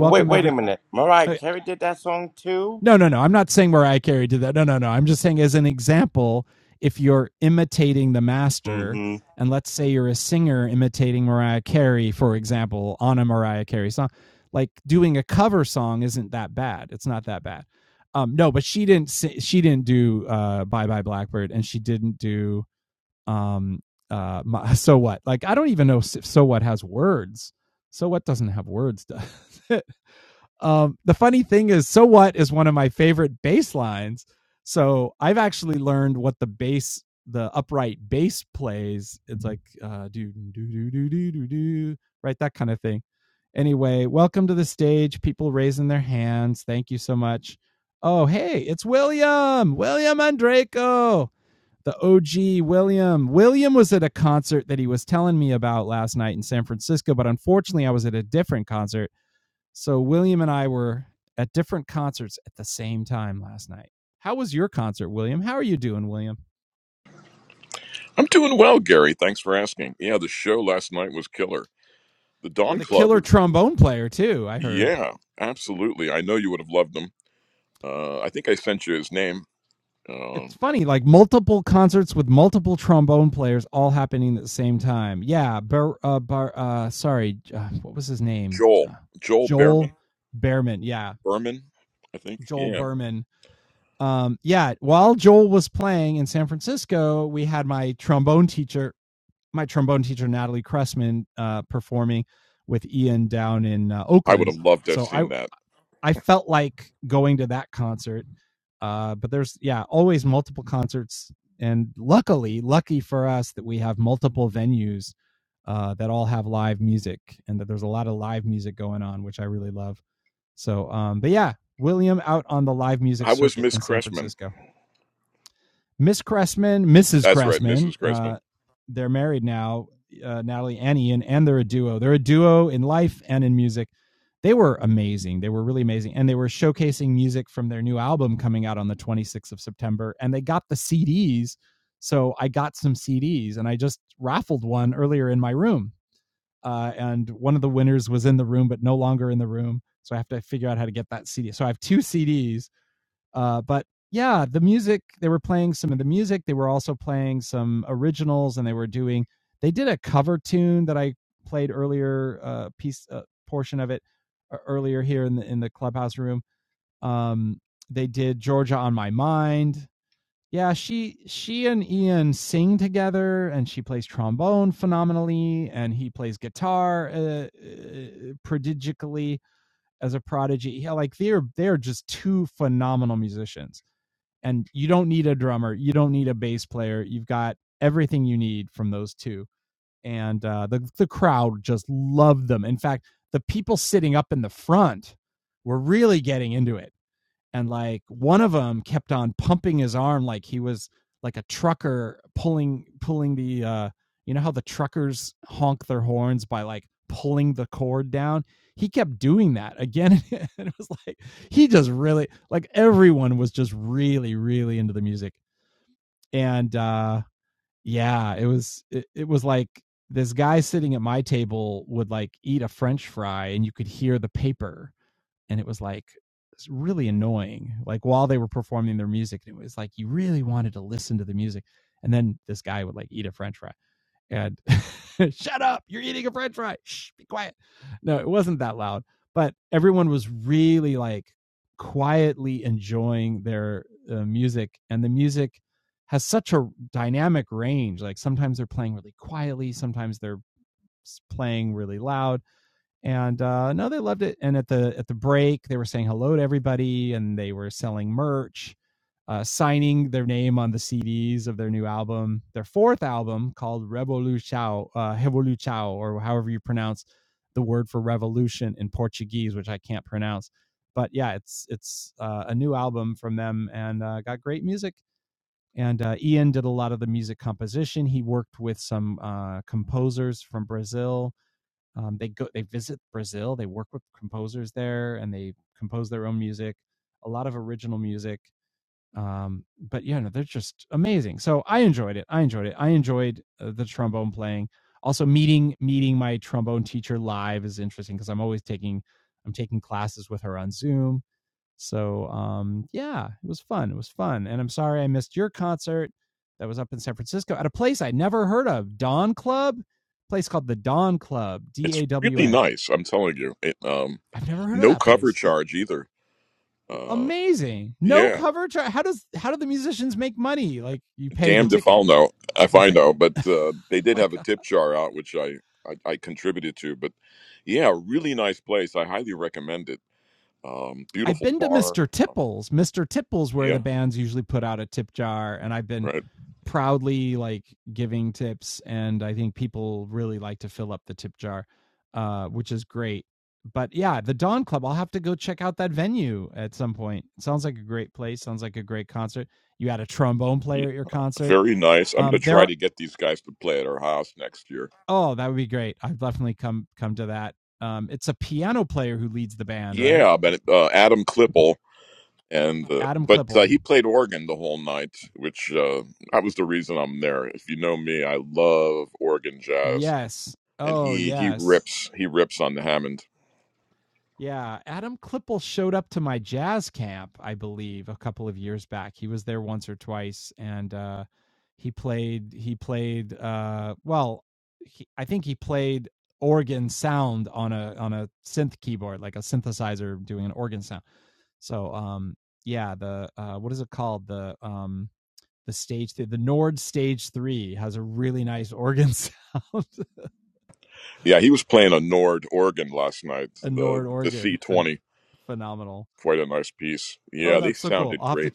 [SPEAKER 5] Wait, wait a minute. Mariah Carey did that song too. Mm-hmm.
[SPEAKER 6] I'm doing well, Gary. Thanks for asking. Yeah, the show last night was killer. The Dawn Club is, yeah, absolutely. I know you would have loved him. Uh, I think I sent you his name, uh, Joel. Joel Berman. Berman, I think. Yeah, I would have loved to have seen that. How was Miss Cressman? That's right, Mrs. Cressman. It's really nice. I'm telling you. It, um, no cover charge either. Uh, yeah, damned if I'll know if I know, but uh, they did have a tip jar out, which I, I I contributed to. But yeah, really nice place. I highly recommend it. Um, beautiful bar. Yeah, right. Yeah, very nice. I'm gonna try to get these guys to play at our house next year. Yeah, but uh, Adam Klippel and uh, but uh, he played organ the whole night, which uh, that was the reason I'm there. If you know me, I love organ jazz, and he he rips he rips on the Hammond. Yeah, he was playing a Nord organ last night. The the C twenty, quite a nice piece. Yeah, they sounded great.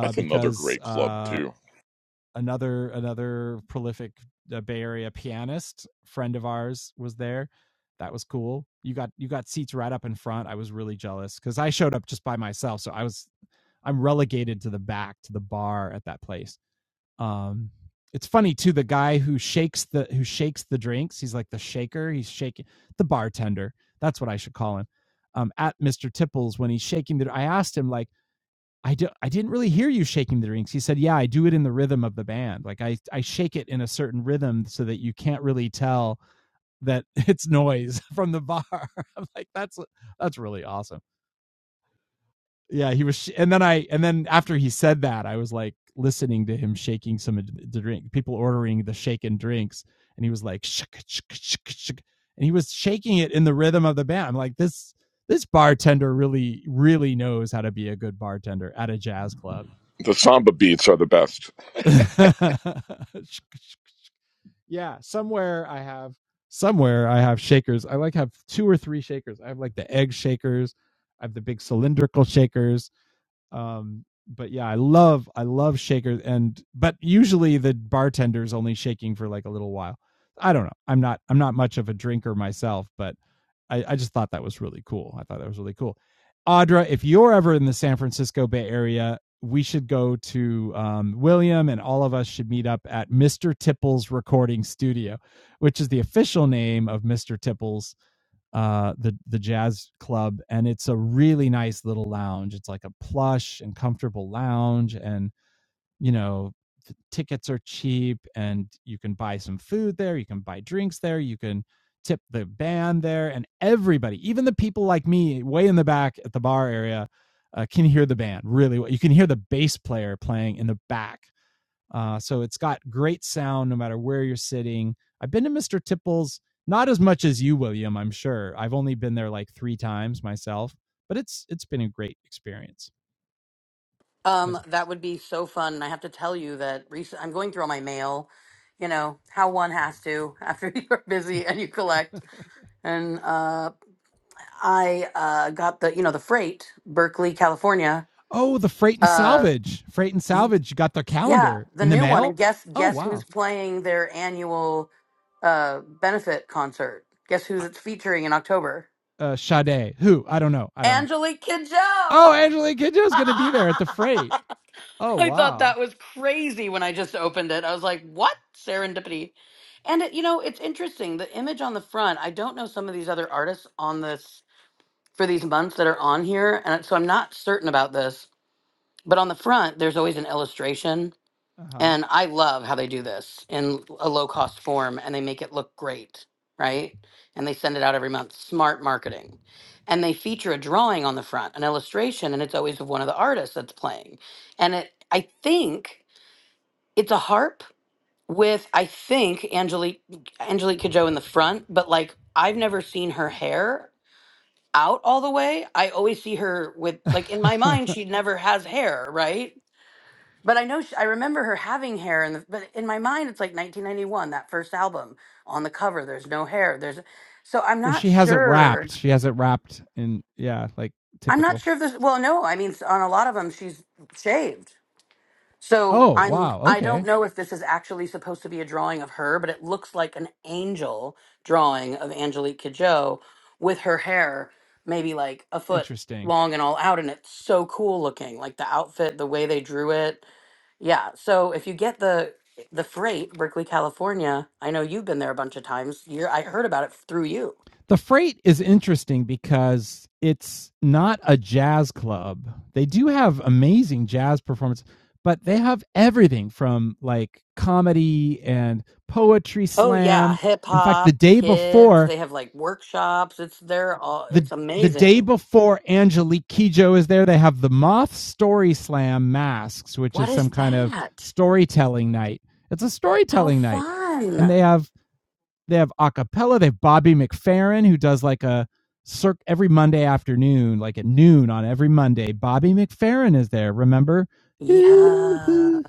[SPEAKER 6] That's another great club too. The samba beats are the best.
[SPEAKER 4] Um, that would be so fun. And I have to tell you that recent, I'm going through all my mail, you know, how one has to after you're busy and you collect. And uh, I uh, got the, you know, the freight, Berkeley, California. Uh, Yeah, the new one. And guess guess who's playing their annual uh benefit concert? Guess who's it's featuring in October? Angelique Kidjo. I thought that was crazy when I just opened it. I was like, "What serendipity?" And it, you know, it's interesting. The image on the front. I don't know some of these other artists on this for these months that are on here, and so I'm not certain about this. But on the front, there's always an illustration And I love how they do this in a low cost form and they make it look great, right? And they send it out every month. Smart marketing. And they feature a drawing on the front, an illustration, and it's always of one of the artists that's playing. And it I think it's a harp with I think Angelique Angelique Kidjo in the front, but like I've never seen her hair out all the way. I always see her with like in my mind she never has hair, right? But I know she, I remember her having hair, in the, but in my mind, it's like 1991, that first album on the cover. There's no hair. There's so I'm not sure. I'm not sure if this. Well, no, I mean s- on a lot of them, she's shaved. So I'm. I don't know if this is actually supposed to be a drawing of her, but it looks like an angel drawing of Angelique Kidjo with her hair, maybe like a foot long and all out, and it's so cool looking. Like the outfit, the way they drew it Yeah, so if you get the the freight, Berkeley, California, I know you've been there a bunch of times. You're I heard about it through you. Oh yeah, hip hop, kids, they have like workshops. It's there all it's amazing. What is that? How fun. Yeah.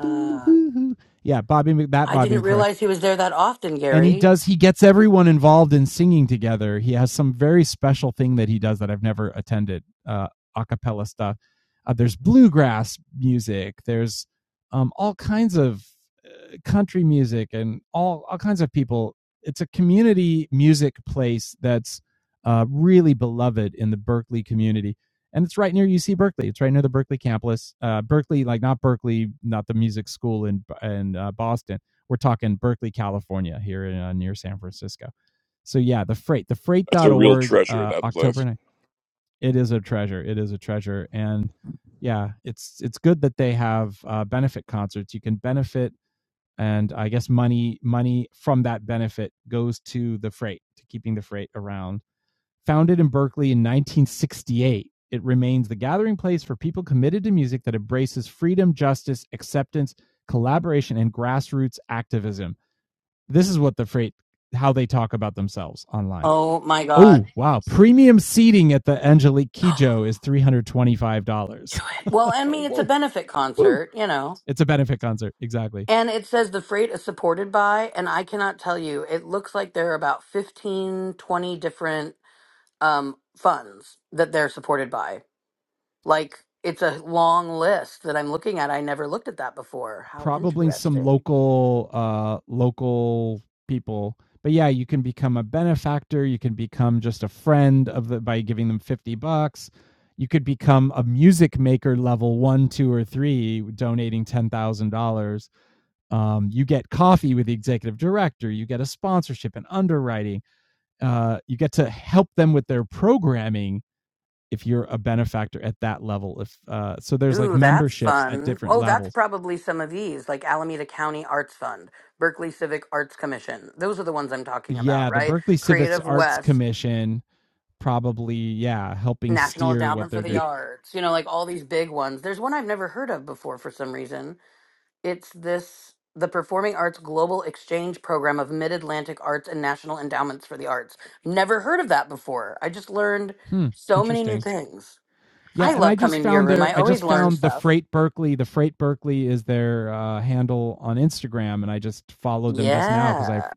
[SPEAKER 4] I didn't realize he was there that often, Gary.
[SPEAKER 6] That's a real treasure. That place.
[SPEAKER 4] Oh my God. Do it. Well, I mean, it's a benefit concert, you know. And it says the freight is supported by, and I cannot tell you, it looks like there are about 15, 20 different um, funds that they're supported by. Like it's a long list that I'm looking at. I never looked at that before. How interesting. Ooh, that's fun. Oh, that's probably some of these, like Alameda County Arts Fund, Berkeley Civic Arts Commission. Those are the ones I'm talking about, right? Creative West, National Endowment for the
[SPEAKER 6] Yeah.
[SPEAKER 4] Arts, you know, like all these big ones. There's one I've never heard of before for some reason it's this the Performing Arts Global Exchange Program of Mid Atlantic Arts and National Endowments for the Arts. Never heard of that before. I just learned so many new things. I love coming to your room. I always learn stuff. Yeah.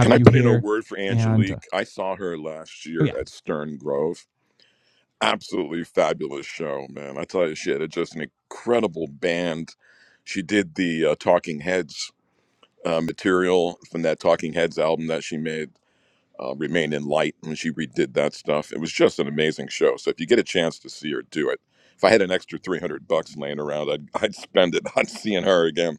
[SPEAKER 6] Can I put in a word for Angelique? I saw her last year at Stern Grove. Absolutely fabulous show, man. I tell you, she had just an incredible band. She did the uh, Talking Heads uh, material from that Talking Heads album that she made uh, Remain in Light when she redid that stuff. It was just an amazing show. So if you get a chance to see her, do it. If I had an extra 300 bucks laying around, I'd, I'd spend it on seeing her again.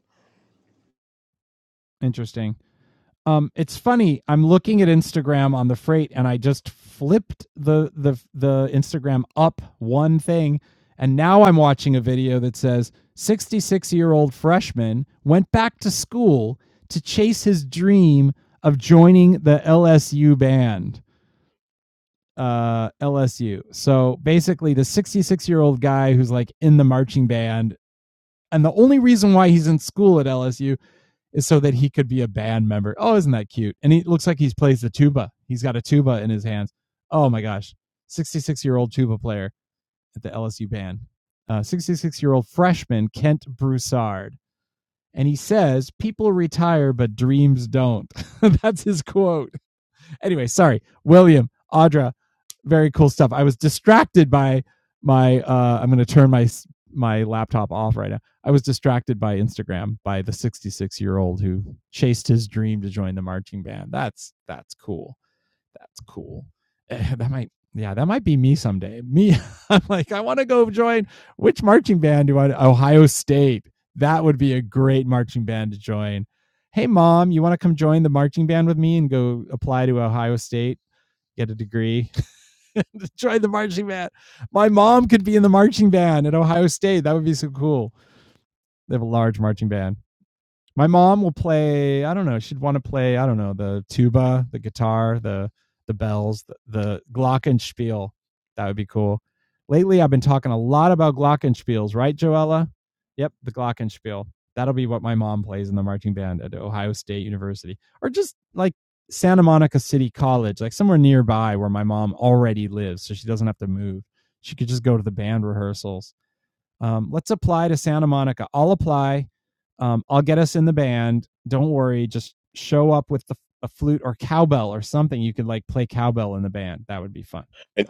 [SPEAKER 6] And,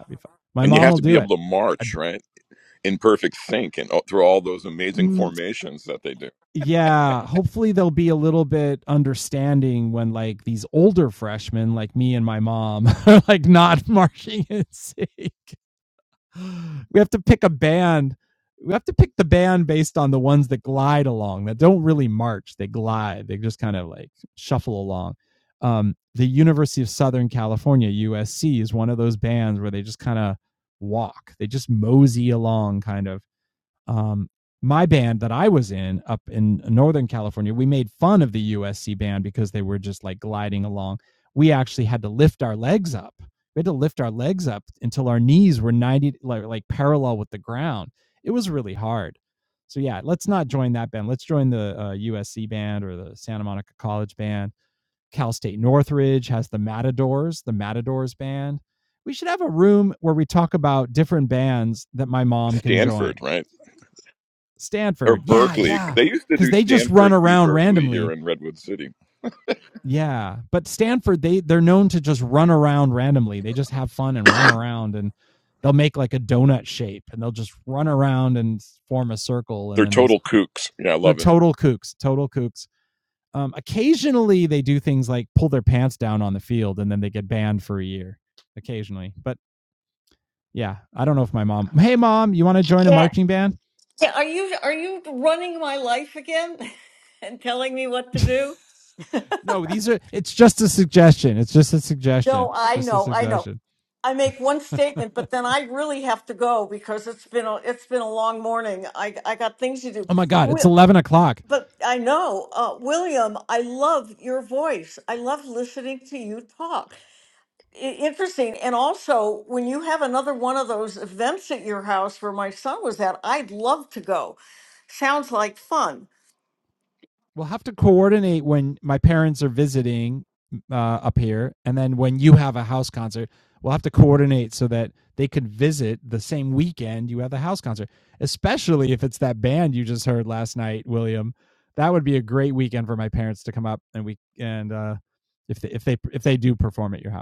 [SPEAKER 6] and you have to be able to march, right? In perfect sync and all- through all those amazing formations that they do. Stanford, right? Or Berkeley. They used to do Stanford v. Berkeley here in Redwood City. They're total kooks. Yeah, I love it.
[SPEAKER 7] Yeah. yeah. Are you are you running my life again and telling me what to do? No, I know, I know. I make one statement, but then I really have to go because it's been a it's been a long morning. I I got things to do. Will, but I know, uh, William. I love your voice. I love listening to you talk. I- interesting, and also when you have another one of those events at your house where my son was at, I'd love to go. Sounds like fun.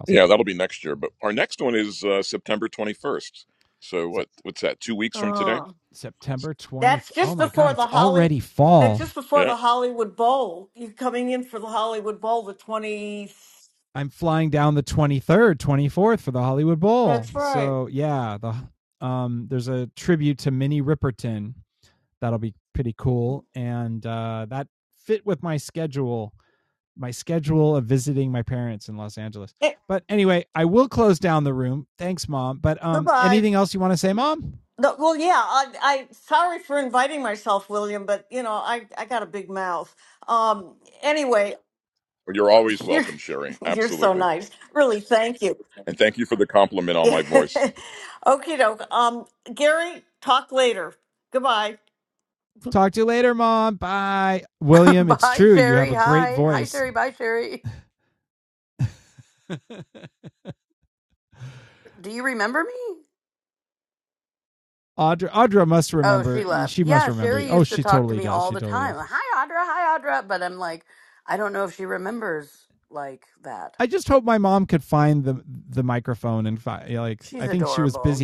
[SPEAKER 6] Yeah, that'll be next year. But our next one is uh, September 21st. So what? What's that? Two weeks from today?
[SPEAKER 7] That's just before the Holly. That's just before
[SPEAKER 6] Yeah.
[SPEAKER 7] the Hollywood Bowl. You're coming in for the Hollywood Bowl, the twenty. That's right. Eh, goodbye. No, well, yeah. I, I sorry for inviting myself, William, but you know, I, I got a big mouth. Um. Anyway,
[SPEAKER 6] Well, You're always
[SPEAKER 7] you're
[SPEAKER 6] welcome, Sherry.
[SPEAKER 7] you're so
[SPEAKER 6] Absolutely.
[SPEAKER 7] nice. Really, thank you.
[SPEAKER 6] And thank you for the compliment on my voice.
[SPEAKER 7] okay, doke. Um, Gary, talk later. Goodbye.
[SPEAKER 4] bye, Sherry. Hi. Hi, Sherry. Bye, Sherry. Do you remember me? Oh, she left. Yeah, Sherry used to talk to me all the time. Hi, Audra. Hi, Audra. But I'm like, I don't know if she remembers like that. She's adorable.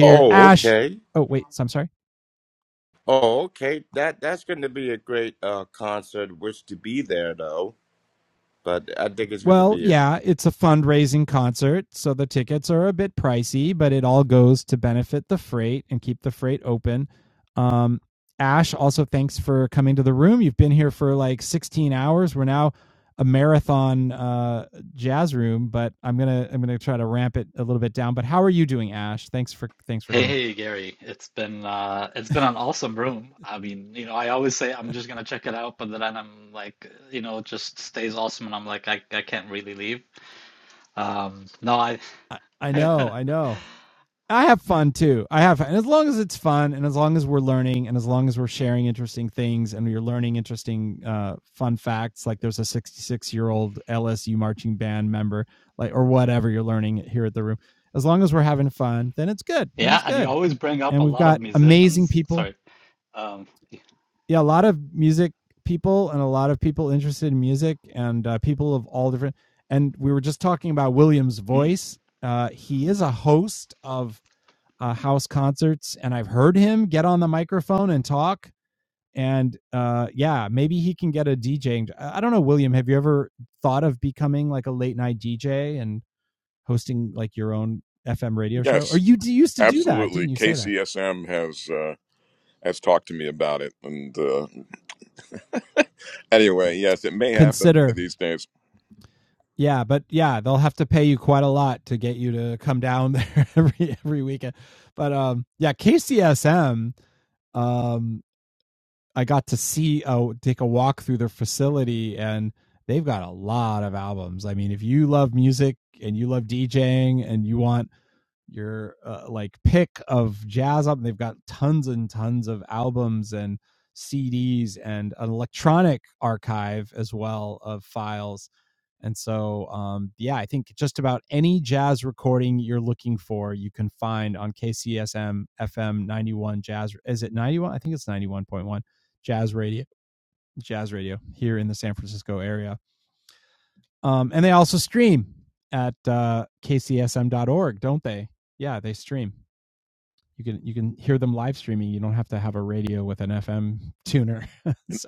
[SPEAKER 5] Oh, okay. Oh, okay. That that's going to be a great uh, concert. Wish to be there though, but I think it's going to be a
[SPEAKER 8] Hey, hey, Gary. It's been uh it's been an awesome room. I mean, you know, I always say I'm just gonna check it out, but then I'm like, you know, it just stays awesome and I'm like I I can't really leave. Um no, I Yeah, and you always bring up a lot of musicians. Sorry. Um hmm.
[SPEAKER 6] Yes, absolutely. KCSM has uh, has talked to me about it. And uh, anyway, yes, it may happen one of these days.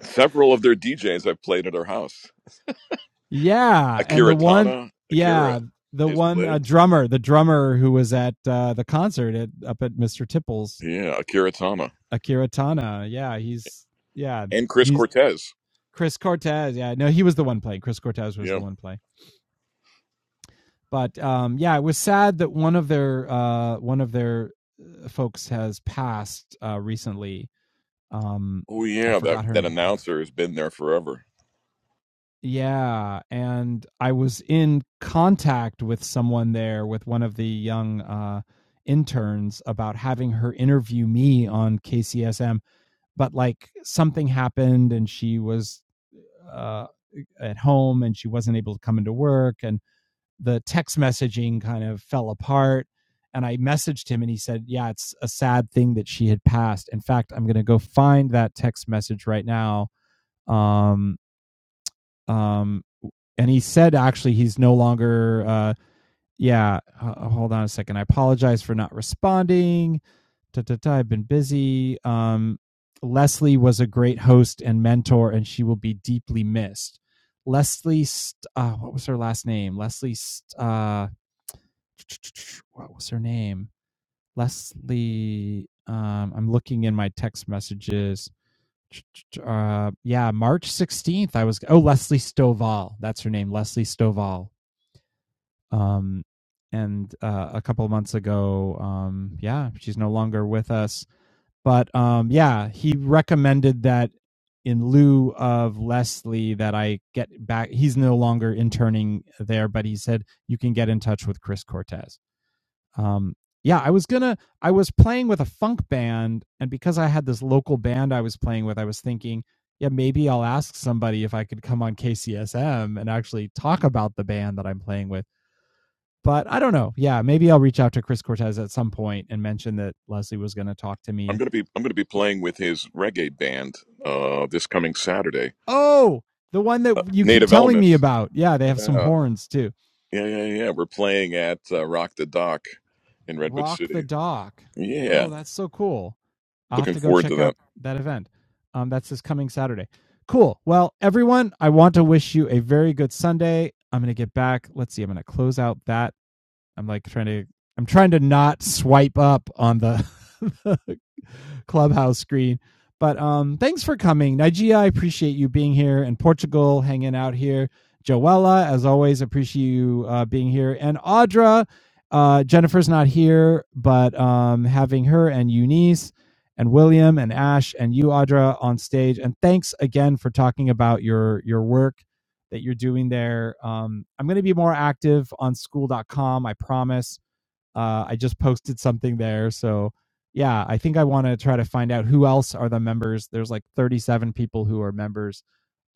[SPEAKER 6] Several of their DJs I've played at her house. Akira Tana, Akira has played. Yeah, Akira Tana. And Chris Cortez. Yeah. Oh yeah, that that announcer has been there forever. I'm gonna be I'm gonna be playing with his reggae band uh, this coming Saturday. Uh, Native Elements Yeah, yeah, yeah, yeah. We're playing at uh, Rock the Dock in Redwood City. Yeah, looking forward to that.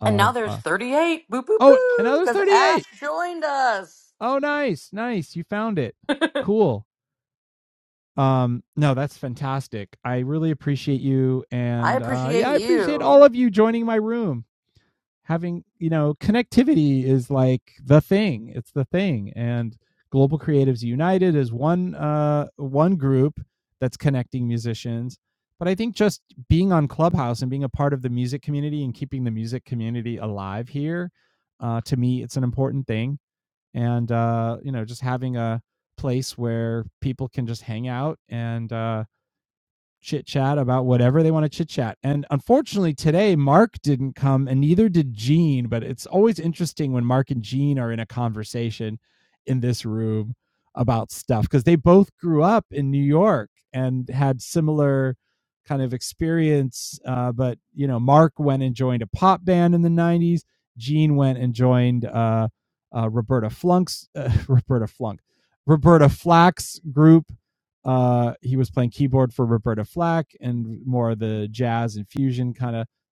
[SPEAKER 4] And now there's 38. Boo, boo, boo. Because Ash joined us. I appreciate you.